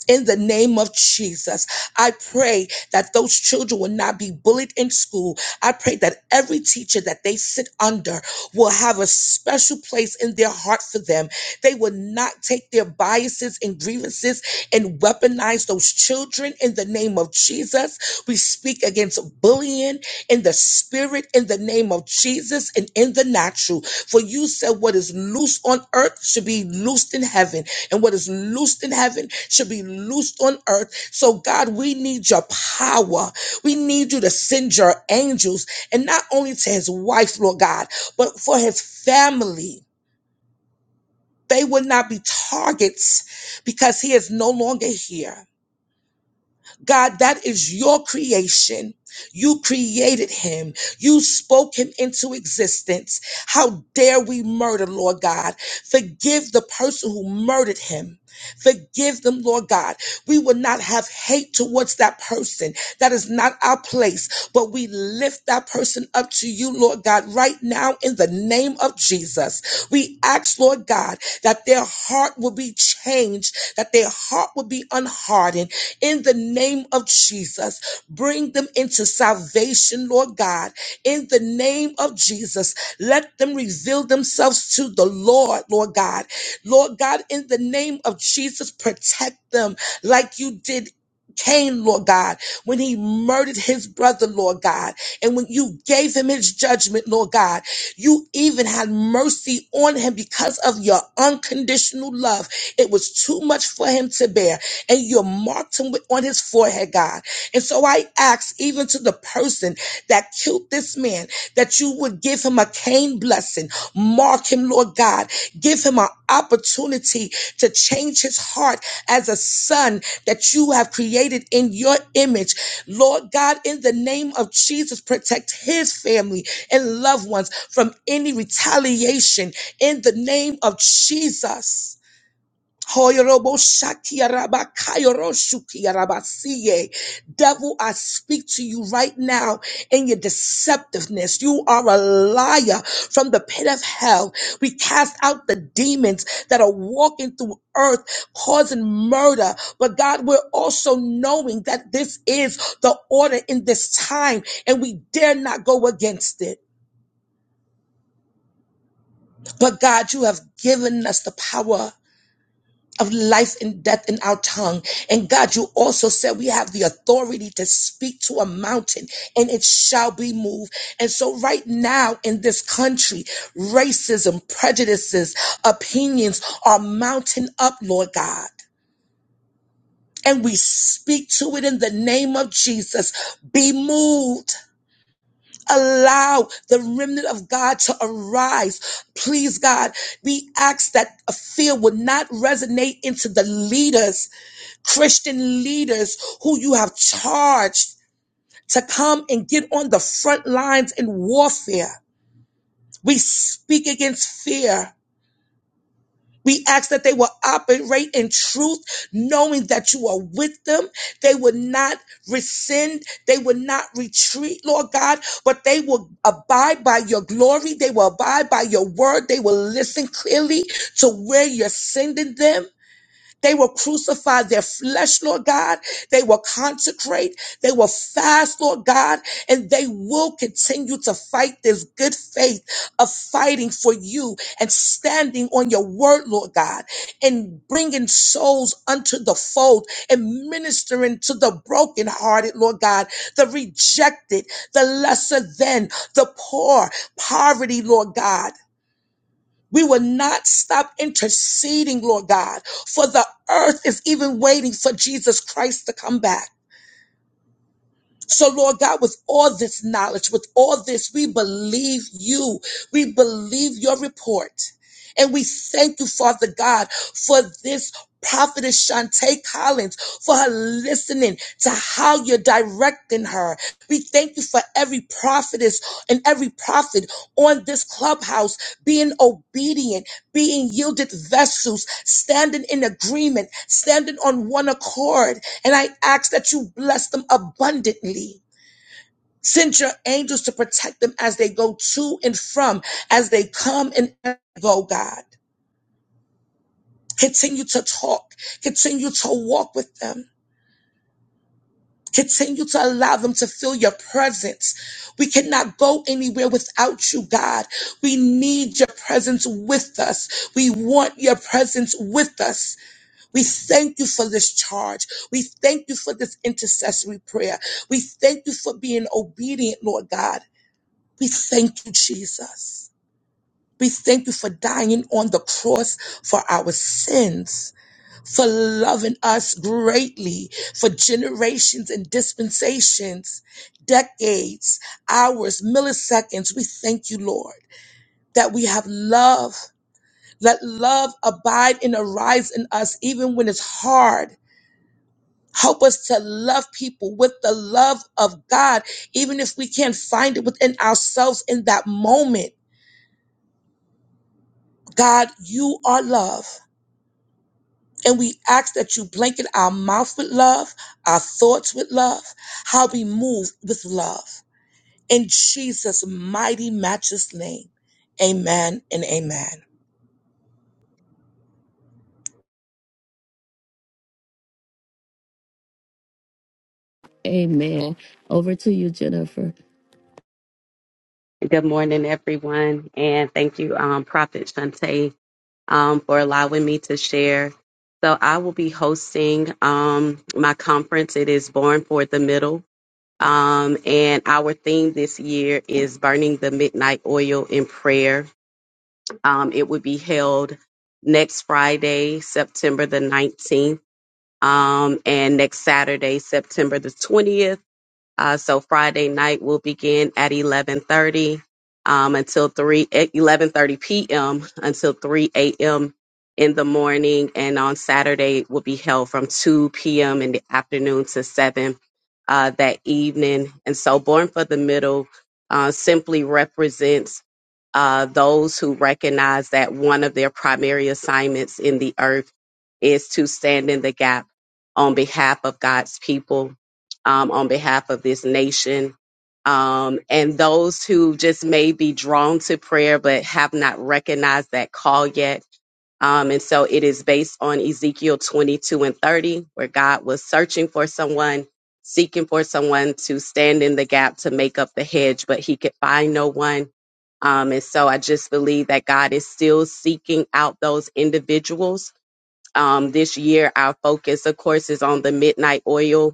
S2: in the name of Jesus, I pray that those children will not be bullied in school. I pray that every teacher that they sit under will have a special place in their heart for them. They will not take their biases and grievances and weaponize those children in the name of Jesus. We speak against bullying in the spirit, in the name of Jesus, and in the natural. For you said what is loose on earth should be loosed in heaven. And what is loosed in heaven should be loosed on earth. So, God, we need your power. We need you to send your angels, and not only to his wife, Lord God, but for his family. They would not be targets because he is no longer here. God, that is your creation. You created him. You spoke him into existence. How dare we murder, Lord God? Forgive the person who murdered him. Forgive them, Lord God. We will not have hate towards that person. That is not our place, but we lift that person up to you, Lord God, right now in the name of Jesus. We ask, Lord God, that their heart will be changed, that their heart will be unhardened in the name of Jesus. Bring them into salvation, Lord God, in the name of Jesus. Let them reveal themselves to the Lord, Lord God. Lord God, in the name of Jesus, protect them like you did. Cain, Lord God, when he murdered his brother, Lord God, and when you gave him his judgment, Lord God, you even had mercy on him because of your unconditional love. It was too much for him to bear. And you marked him with- on his forehead, God. And so I ask, even to the person that killed this man, that you would give him a Cain blessing. Mark him, Lord Lord God, give him an opportunity to change his heart as a son that you have created in your image. Lord God, in the name of Jesus, protect his family and loved ones from any retaliation in the name of Jesus. Hoyorobo shakia raba kayoro shukia raba siye. Devil, I speak to you right now in your deceptiveness. You are a liar from the pit of hell. We cast out the demons that are walking through earth causing murder. But God, we're also knowing that this is the order in this time and we dare not go against it. But God, you have given us the power. of life and death in our tongue. And God, you also said we have the authority to speak to a mountain and it shall be moved. And so right now in this country, racism, prejudices, opinions are mounting up, Lord God. And we speak to it in the name of Jesus. Be moved. Allow the remnant of God to arise. Please, God, we ask that a fear would not resonate into the leaders Christian leaders who you have charged to come and get on the front lines in warfare. We speak against fear. We ask that they will operate in truth, knowing that you are with them. They will not rescind. They will not retreat, Lord God, but they will abide by your glory. They will abide by your word. They will listen clearly to where you're sending them. They will crucify their flesh, Lord God. They will consecrate. They will fast, Lord God. And they will continue to fight this good faith of fighting for you and standing on your word, Lord God, and bringing souls unto the fold and ministering to the brokenhearted, Lord God, the rejected, the lesser than, the poor, poverty, Lord God. We will not stop interceding, Lord God, for the earth is even waiting for Jesus Christ to come back. So, Lord God, with all this knowledge, with all this, we believe you. We believe your report. And we thank you, Father God, for this prophetess Shantae Collins, for her listening to how you're directing her. We thank you for every prophetess and every prophet on this clubhouse being obedient, being yielded vessels, standing in agreement, standing on one accord. And I ask that you bless them abundantly. Send your angels to protect them as they go to and from, as they come and go, God. Continue to talk. Continue to walk with them. Continue to allow them to feel your presence. We cannot go anywhere without you, God. We need your presence with us. We want your presence with us. We thank you for this charge. We thank you for this intercessory prayer. We thank you for being obedient, Lord God. We thank you, Jesus. We thank you for dying on the cross for our sins for loving us greatly for generations and dispensations, decades, hours, milliseconds. We thank you, Lord, that we have love. Let love abide and arise in us even when it's hard. Help us to love people with the love of God, even if we can't find it within ourselves in that moment. God, you are love. And we ask that you blanket our mouth with love, our thoughts with love, how we move with love. In Jesus' mighty, matchless name, amen and amen.
S1: Amen. Over to you, Jennifer.
S9: Good morning, everyone, and thank you, um, Prophet Shante, um, for allowing me to share. So I will be hosting um, my conference. It is Born for the Middle, um, and our theme this year is Burning the Midnight Oil in Prayer. Um, it will be held next Friday, September the 19th, um, and next Saturday, September the 20th Uh, so Friday night will begin at 11:30 um, until 3 at 11:30 p.m. until 3 a.m. in the morning, and on Saturday it will be held from 2 p.m. in the afternoon to 7 uh, that evening. And so, Born for the Middle uh, simply represents uh, those who recognize that one of their primary assignments in the earth is to stand in the gap on behalf of God's people um, on behalf of this nation. Um, and those who just may be drawn to prayer but have not recognized that call yet. Um, and so it is based on Ezekiel 22 and 30, where God was searching for someone, seeking for someone to stand in the gap to make up the hedge, but he could find no one. Um, and so I just believe that God is still seeking out those individuals. Um, this year, our focus, of course, is on the midnight oil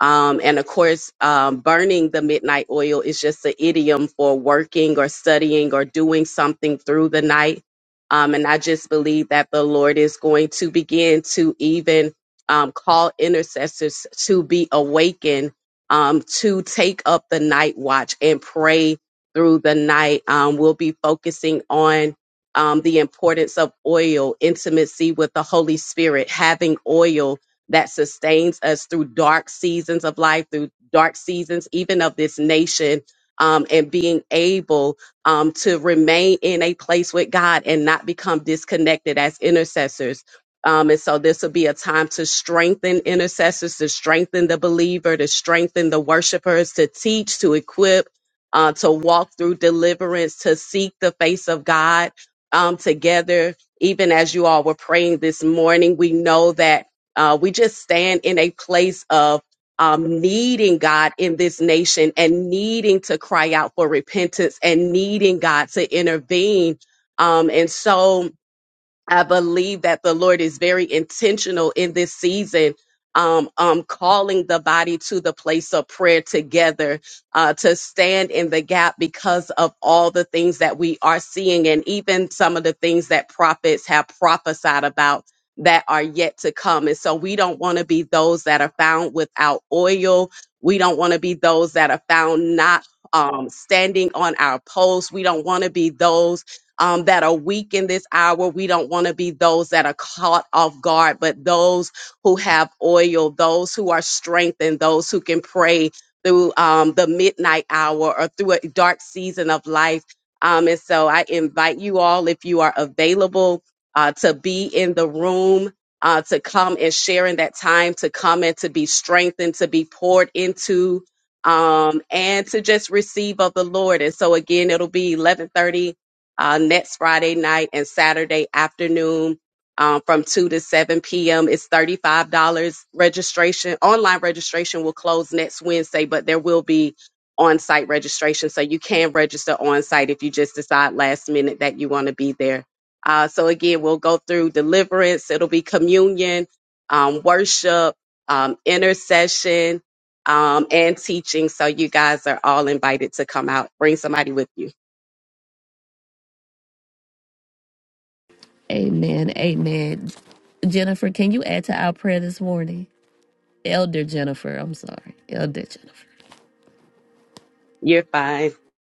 S9: um, and of course, um, burning the midnight oil is just an idiom for working or studying or doing something through the night. Um, and I just believe that the Lord is going to begin to even um, call intercessors to be awakened, um, to take up the night watch and pray through the night. Um, we'll be focusing on um, the importance of oil, intimacy with the Holy Spirit, having oil that sustains us through dark seasons of life, through dark seasons, even of this nation, um, and being able um, to remain in a place with God and not become disconnected as intercessors. Um, and so this will be a time to strengthen intercessors, to strengthen the believer, to strengthen the worshipers, to teach, to equip, uh, to walk through deliverance, to seek the face of God um, together. Even as you all were praying this morning, we know that uh, we just stand in a place of um, needing God in this nation and needing to cry out for repentance and needing God to intervene. Um, and so, I believe that the Lord is very intentional in this season, um, um, calling the body to the place of prayer together, uh, to stand in the gap because of all the things that we are seeing and even some of the things that prophets have prophesied about that are yet to come. And so we don't want to be those that are found without oil. We don't want to be those that are found not um, standing on our posts. We don't want to be those um, that are weak in this hour. We don't want to be those that are caught off guard, but those who have oil, those who are strengthened, those who can pray through um, the midnight hour or through a dark season of life. Um, and so I invite you all, if you are available, uh, to be in the room. Uh, to come and share in that time, to come and to be strengthened, to be poured into, um, and to just receive of the Lord. And so again, it'll be 11:30 uh, next Friday night and Saturday afternoon um, from 2 to 7 p.m. It's $35 registration. Online registration will close next Wednesday, but there will be on site registration. So you can register on site if you just decide last minute that you want to be there. Uh, so again, we'll go through deliverance, it'll be communion, um, worship, um, intercession. Um, and teaching. So you guys are all invited to come out. Bring somebody with you.
S1: Amen. Amen. Jennifer, can you add to our prayer this morning? Elder Jennifer, I'm sorry. Elder Jennifer.
S9: You're fine.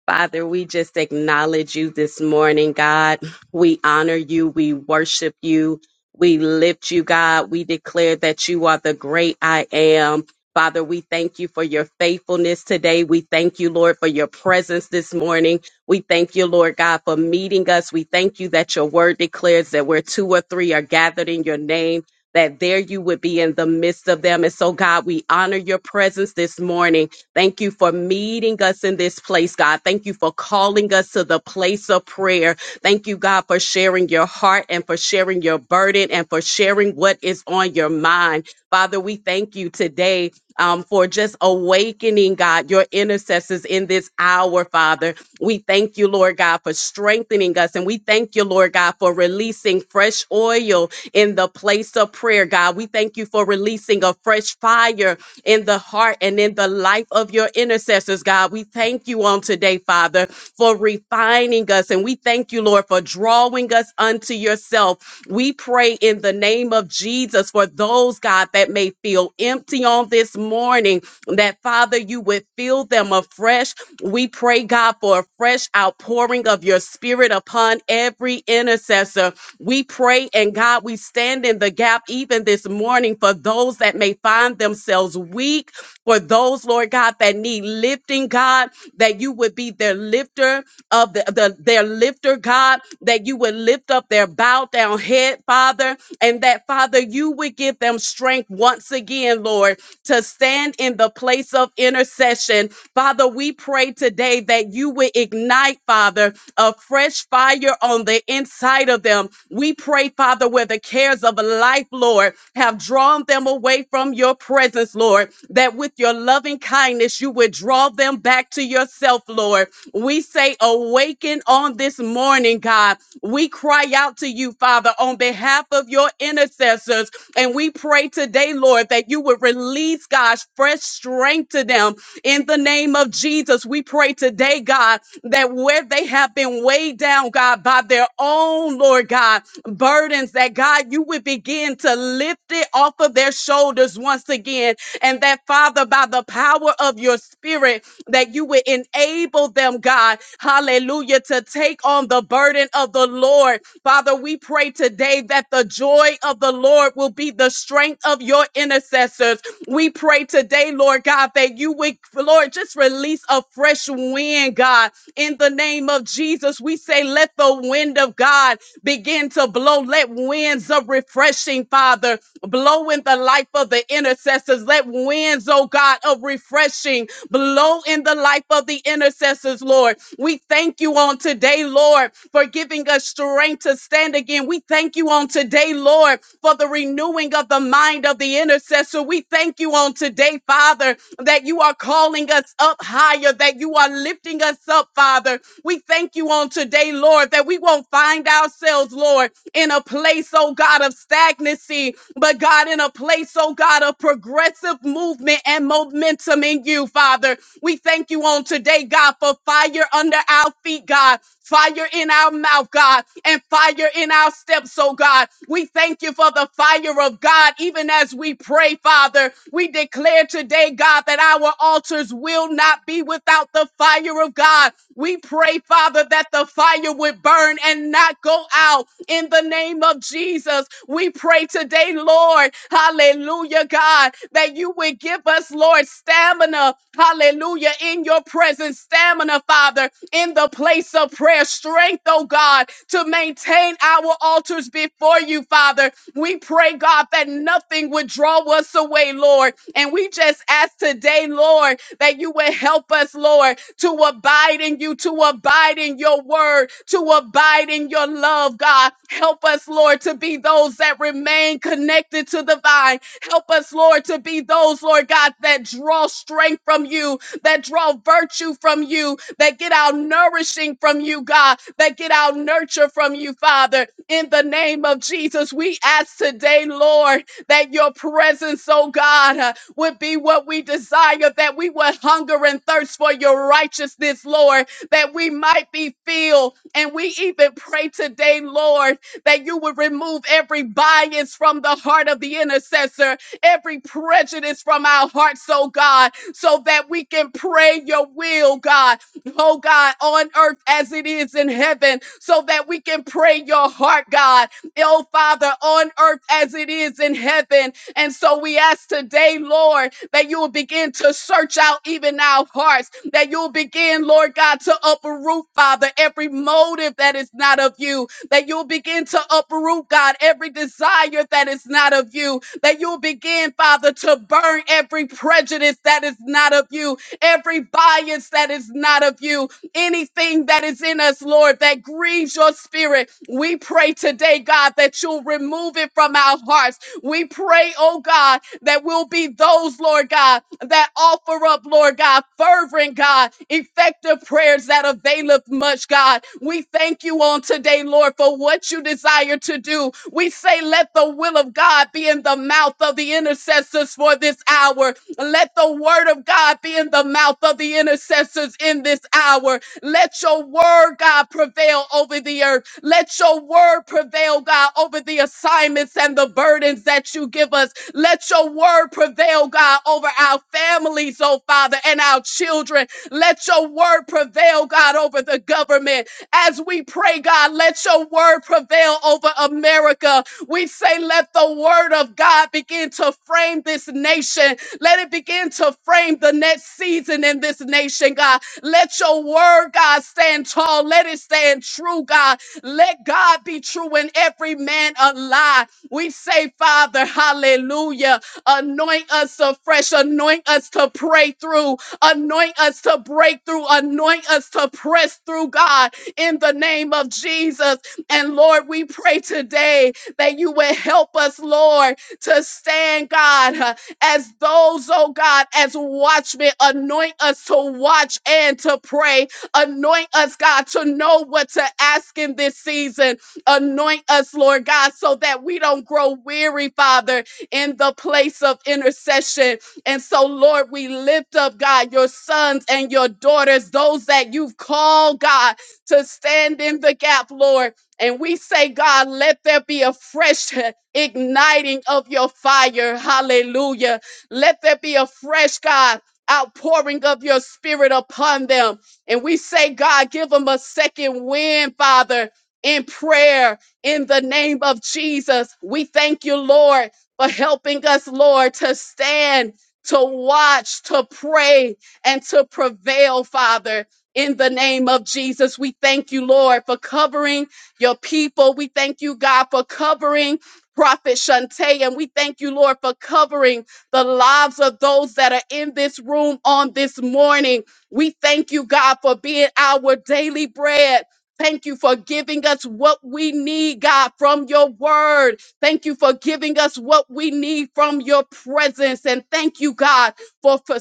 S9: Father, we just acknowledge you this morning, God. We honor you. We worship you. We lift you, God. We declare that you are the great I am. Father, we thank you for your faithfulness today. We thank you, Lord, for your presence this morning. We thank you, Lord God, for meeting us. We thank you that your word declares that where two or three are gathered in your name, that there you would be in the midst of them. And so, God, we honor your presence this morning. Thank you for meeting us in this place, God. Thank you for calling us to the place of prayer Thank you, God, for sharing your heart and for sharing your burden and for sharing what is on your mind. Father, we thank you today um, for just awakening, God, your intercessors in this hour, Father. We thank you, Lord God, for strengthening us. And we thank you, Lord God, for releasing fresh oil in the place of prayer, God. We thank you for releasing a fresh fire in the heart and in the life of your intercessors, God. We thank you on on today, Father, for refining us. And we thank you, Lord, for drawing us unto yourself. We pray in the name of Jesus for those, God, that may feel empty on this morning, that, Father, you would fill them afresh. We pray, God, for a fresh outpouring of your spirit upon every intercessor. We pray, and God, we stand in the gap even this morning for those that may find themselves weak for those, Lord God, that need lifting, God, that you would be their lifter of the, the their lifter, God, that you would lift up their bowed down head, Father, and that Father, you would give them strength once again, Lord, to stand in the place of intercession. Father, we pray today that you would ignite, Father, a fresh fire on the inside of them. We pray, Father, where the cares of life, Lord, have have drawn them away from your presence, Lord, that with your loving kindness, you would draw them back to yourself, Lord. We say, awaken on this morning, God. We cry out to you, Father, on behalf of your intercessors. And we pray today, Lord, that you would release, God's fresh strength to them in the name of Jesus. We pray today, God, that where they have been weighed down, God, by their own, Lord God, God, burdens that God, you would begin to lift it off of their shoulders once again. And that, Father, by the power of your spirit, that you would enable them, God, hallelujah, to take on the burden of the Lord. Father, we pray today that the joy of the Lord will be the strength of your intercessors. We pray today, Lord God, that you would, Lord, just release a fresh wind, God, in the name of of Jesus, we say, let the wind of God begin to blow. Let winds of refreshing, Father, blow in the life of the intercessors. Let winds, oh God, of refreshing blow in the life of the intercessors, Lord. We thank you on today, Lord, for giving us strength to stand again. We thank you on today, Lord, for the renewing of the mind of the intercessor. We thank you on today, Father, that you are calling us up up higher, that you are lifting us up, Father. We thank you on today, Lord, that we won't find ourselves, Lord, in a place, oh God, of stagnancy, but God, in a place, oh God, of progressive movement and momentum in you, Father. We thank you on today, God, for fire under our feet, God fire in our mouth, God, and fire in our steps, oh God. We thank you for the fire of God, even as we pray, Father. We declare today, God, that our altars will not be without the fire of God. We pray, Father, that the fire would burn and not go out now in the name of Jesus. We pray today, Lord, hallelujah, God, that you would give us, Lord, stamina, hallelujah, in your presence, stamina, Father, in the place of prayer, strength, oh God, to maintain our altars before you, Father, we pray, God, that nothing would draw us away, Lord. And we just ask today, Lord, that you would help us, Lord, to abide in you, to abide in your word, to abide in your love, God. Help us, Lord, to be those that remain connected to the vine. Help us, Lord, to be those, Lord God, that draw strength from you, that draw virtue from you, that get our nourishing from you, God, that get our nurture from you, Father. In the name of Jesus, we ask today, Lord, that your presence, oh God, uh, would be what we desire, that we would hunger and thirst for your righteousness, Lord, that we might be filled. And we even pray today, Lord, that you would remove every bias from the heart of the intercessor, every prejudice from our hearts, oh God, so that we can pray your will, God, oh God, on earth as it is in heaven, so that we can pray your heart, God, oh Father, on earth as it is in heaven. And so we ask today, Lord, that you will begin to search out even our hearts, that you'll begin, Lord God, to uproot, Father, every motive that is not of you, that you'll begin to uproot, God, every desire that is not of you, that you'll begin, Father, to burn every prejudice that is not of you, every bias that is not of you, anything that is in us, Lord, that grieves your spirit. We pray today, God, that you'll remove it from our hearts we pray, oh God, that we'll be those, Lord God, that offer up, Lord God, fervent, God, effective prayers that availeth much, God. We thank you on today, Lord, for what you desire to do. We say, let the will of God be in the mouth of the intercessors for this hour. Let the word of God be in the mouth of the intercessors in this hour. Let your word, God, prevail over the earth. Let your word prevail, God, over the assignments and the burdens that you give us. Let your word prevail, God, over our families, oh Father, and our children. Let your word prevail, God, over the government. As we pray, God, let your word prevail over America. We say, let the word of God begin to frame this nation. Let it begin to frame the next season in this nation, God. Let your word, God, stand tall. Let it stand true, God. Let God be true and every man a lie. We say, Father, hallelujah. Anoint us afresh. Anoint us to pray through. Anoint us to break through. Anoint us to press through, God in the name of Jesus. And Lord, we pray today that you would help us, Lord, to stand, God, uh, as those, oh God, as watchmen. Anoint us to watch and to pray. Anoint us, God, to know what to ask in this season. Anoint us, Lord God, so that we don't grow weary, Father, in the place of intercession. And so, Lord, we lift up, God, your sons and your daughters, those that you've called, God, to stand in the gap, Lord. And we say, God, let there be a fresh igniting of your fire. Hallelujah. Let there be a fresh, God, outpouring of your spirit upon them. And we say, God, give them a second wind, Father, in prayer in the name of Jesus. We thank you, Lord, for helping us, Lord, to stand, to watch, to pray, and to prevail, Father in the name of Jesus. We thank you, Lord, for covering your people. We thank you, God, for covering Prophet Shante, and we thank you, Lord, for covering the lives of those that are in this room on this morning. We thank you, God, for being our daily bread. Thank you for giving us what we need, God, from your word. Thank you for giving us what we need from your presence. And thank you, God, for, for,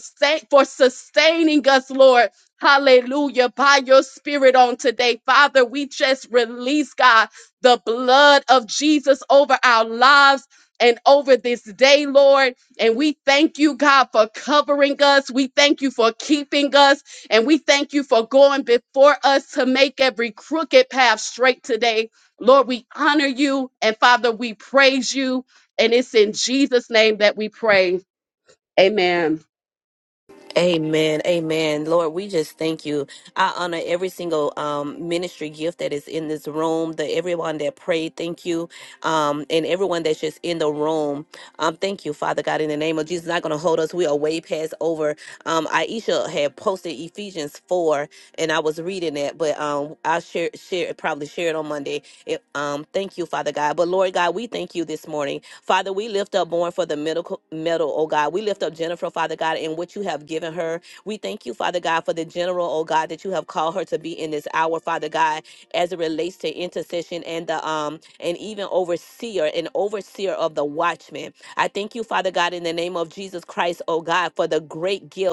S9: for sustaining us, Lord Hallelujah. By your spirit on today, Father, we just release, God, the blood of Jesus over our lives and over this day, Lord. And we thank you, God, for covering us. We thank you for keeping us. And we thank you for going before us to make every crooked path straight today. Lord, we honor you. And Father, we praise you. And it's in Jesus' name that we pray. Amen.
S1: Amen. Amen. Lord, we just thank you. I honor every single um, ministry gift that is in this room, the everyone that prayed, thank you. Um, and everyone that's just in the room. Um, thank you, Father God, in the name of Jesus. Not gonna hold us. We are way past over. Um, Aisha had posted Ephesians four and I was reading that, but um I'll share share probably share it on Monday. It, um, thank you, Father God. But Lord God, we thank you this morning. Father, we lift up born for the medical medal, oh God. We lift up Jennifer, Father God, and what you have given her. We thank you, Father God, for the general, oh God, that you have called her to be in this hour, Father God, as it relates to intercession and the um and even overseer and overseer of the watchman. I thank you, Father God, in the name of Jesus Christ, oh God, for the great gift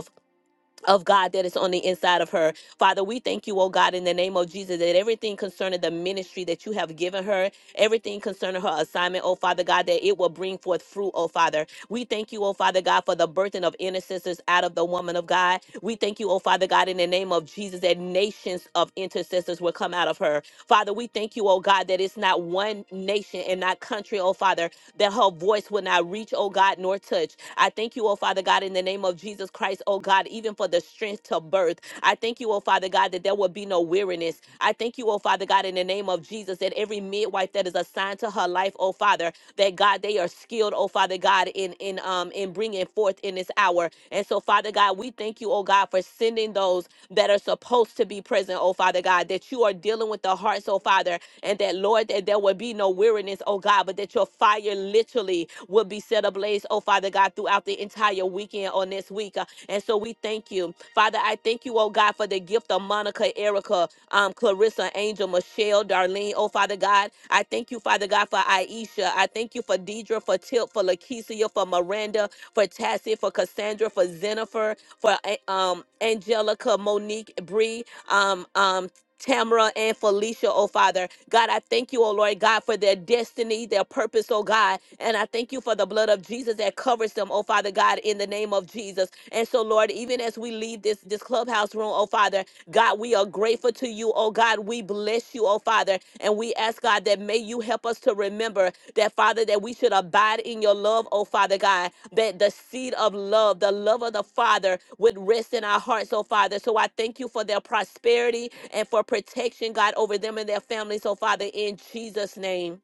S1: of God that is on the inside of her. Father, we thank you, oh God, in the name of Jesus, that everything concerning the ministry that you have given her, everything concerning her assignment, oh Father God, that it will bring forth fruit, oh Father. We thank you, oh Father God, for the birthing of intercessors out of the woman of God. We thank you, oh Father God, in the name of Jesus, that nations of intercessors will come out of her. Father, we thank you, oh God, that it's not one nation and not country, oh Father, that her voice will not reach, oh God, nor touch. I thank you, oh Father God, in the name of Jesus Christ, oh God, even for the strength to birth. I thank you, oh Father God, that there will be no weariness barrenness. I thank you, oh Father God, in the name of Jesus, that every midwife that is assigned to her life, oh Father, that God, they are skilled, oh Father God, in in um in bringing forth in this hour. And so, Father God, we thank you, oh God, for sending those that are supposed to be present, oh Father God, that you are dealing with the hearts, oh Father, and that Lord, that there would be no weariness, oh God, but that your fire literally would be set ablaze praise, oh Father God, throughout the entire weekend on this week. Uh, And so we thank you. Father, I thank you, oh God, for the gift of Monica, Erica, um, Clarissa, Angel, Michelle, Darlene, oh Father God. I thank you, Father God, for Aisha. I thank you for Deidre, for Tip, for Lakeisha, for Miranda, for Tassie, for Cassandra, for Jennifer, for uh, um, Angelica, Monique, Bree, um, um, Tamara and Felicia, oh Father. God, I thank you, oh Lord God, for their destiny, their purpose, oh God. And I thank you for the blood of Jesus that covers them, oh Father God, in the name of Jesus. And so, Lord, even as we leave this, this clubhouse room, oh Father, God, we are grateful to you, oh God. We bless you, oh Father. And we ask, God, that may you help us to remember that, Father, that we should abide in your love, oh Father God, that the seed of love, the love of the Father, would rest in our hearts, oh Father. So I thank you for their prosperity and for protection, God, over them and their families, oh Father, in Jesus' name.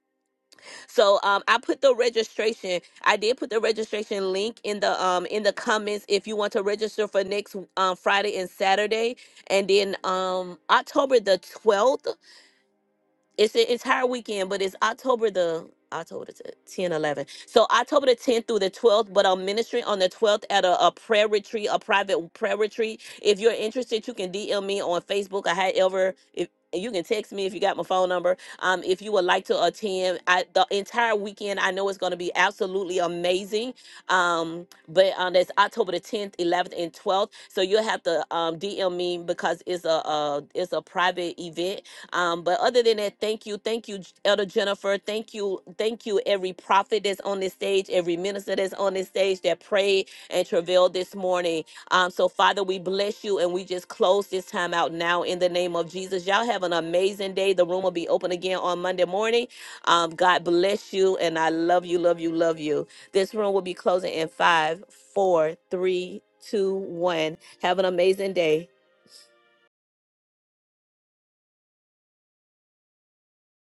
S1: So um, I put the registration. I did put the registration link in the um in the comments if you want to register for next um, Friday and Saturday, and then um October the twelfth. It's a entire weekend, but it's October the October the t- 10, 11. So October the 10th through the 12th, but I'm ministering on the 12th at a, a prayer retreat, a private prayer retreat. If you're interested, you can DM me on Facebook. I had ever if and you can text me if you got my phone number. Um, if you would like to attend, I, the entire weekend, I know it's going to be absolutely amazing. Um, but um, that's October the 10th, 11th, and 12th. So you'll have to um DM me because it's a uh it's a private event um, but other than that, thank you, thank you, Elder Jennifer. Thank you, thank you, every prophet that's on this stage, every minister that's on this stage that prayed and travailed this morning. Um, so Father, we bless you and we just close this time out now in the name of Jesus. Y'all have an amazing day. The room will be open again on Monday morning. Um, God bless you and I love you, love you, love you. This room will be closing in five, four, three, two, one. Have an amazing day.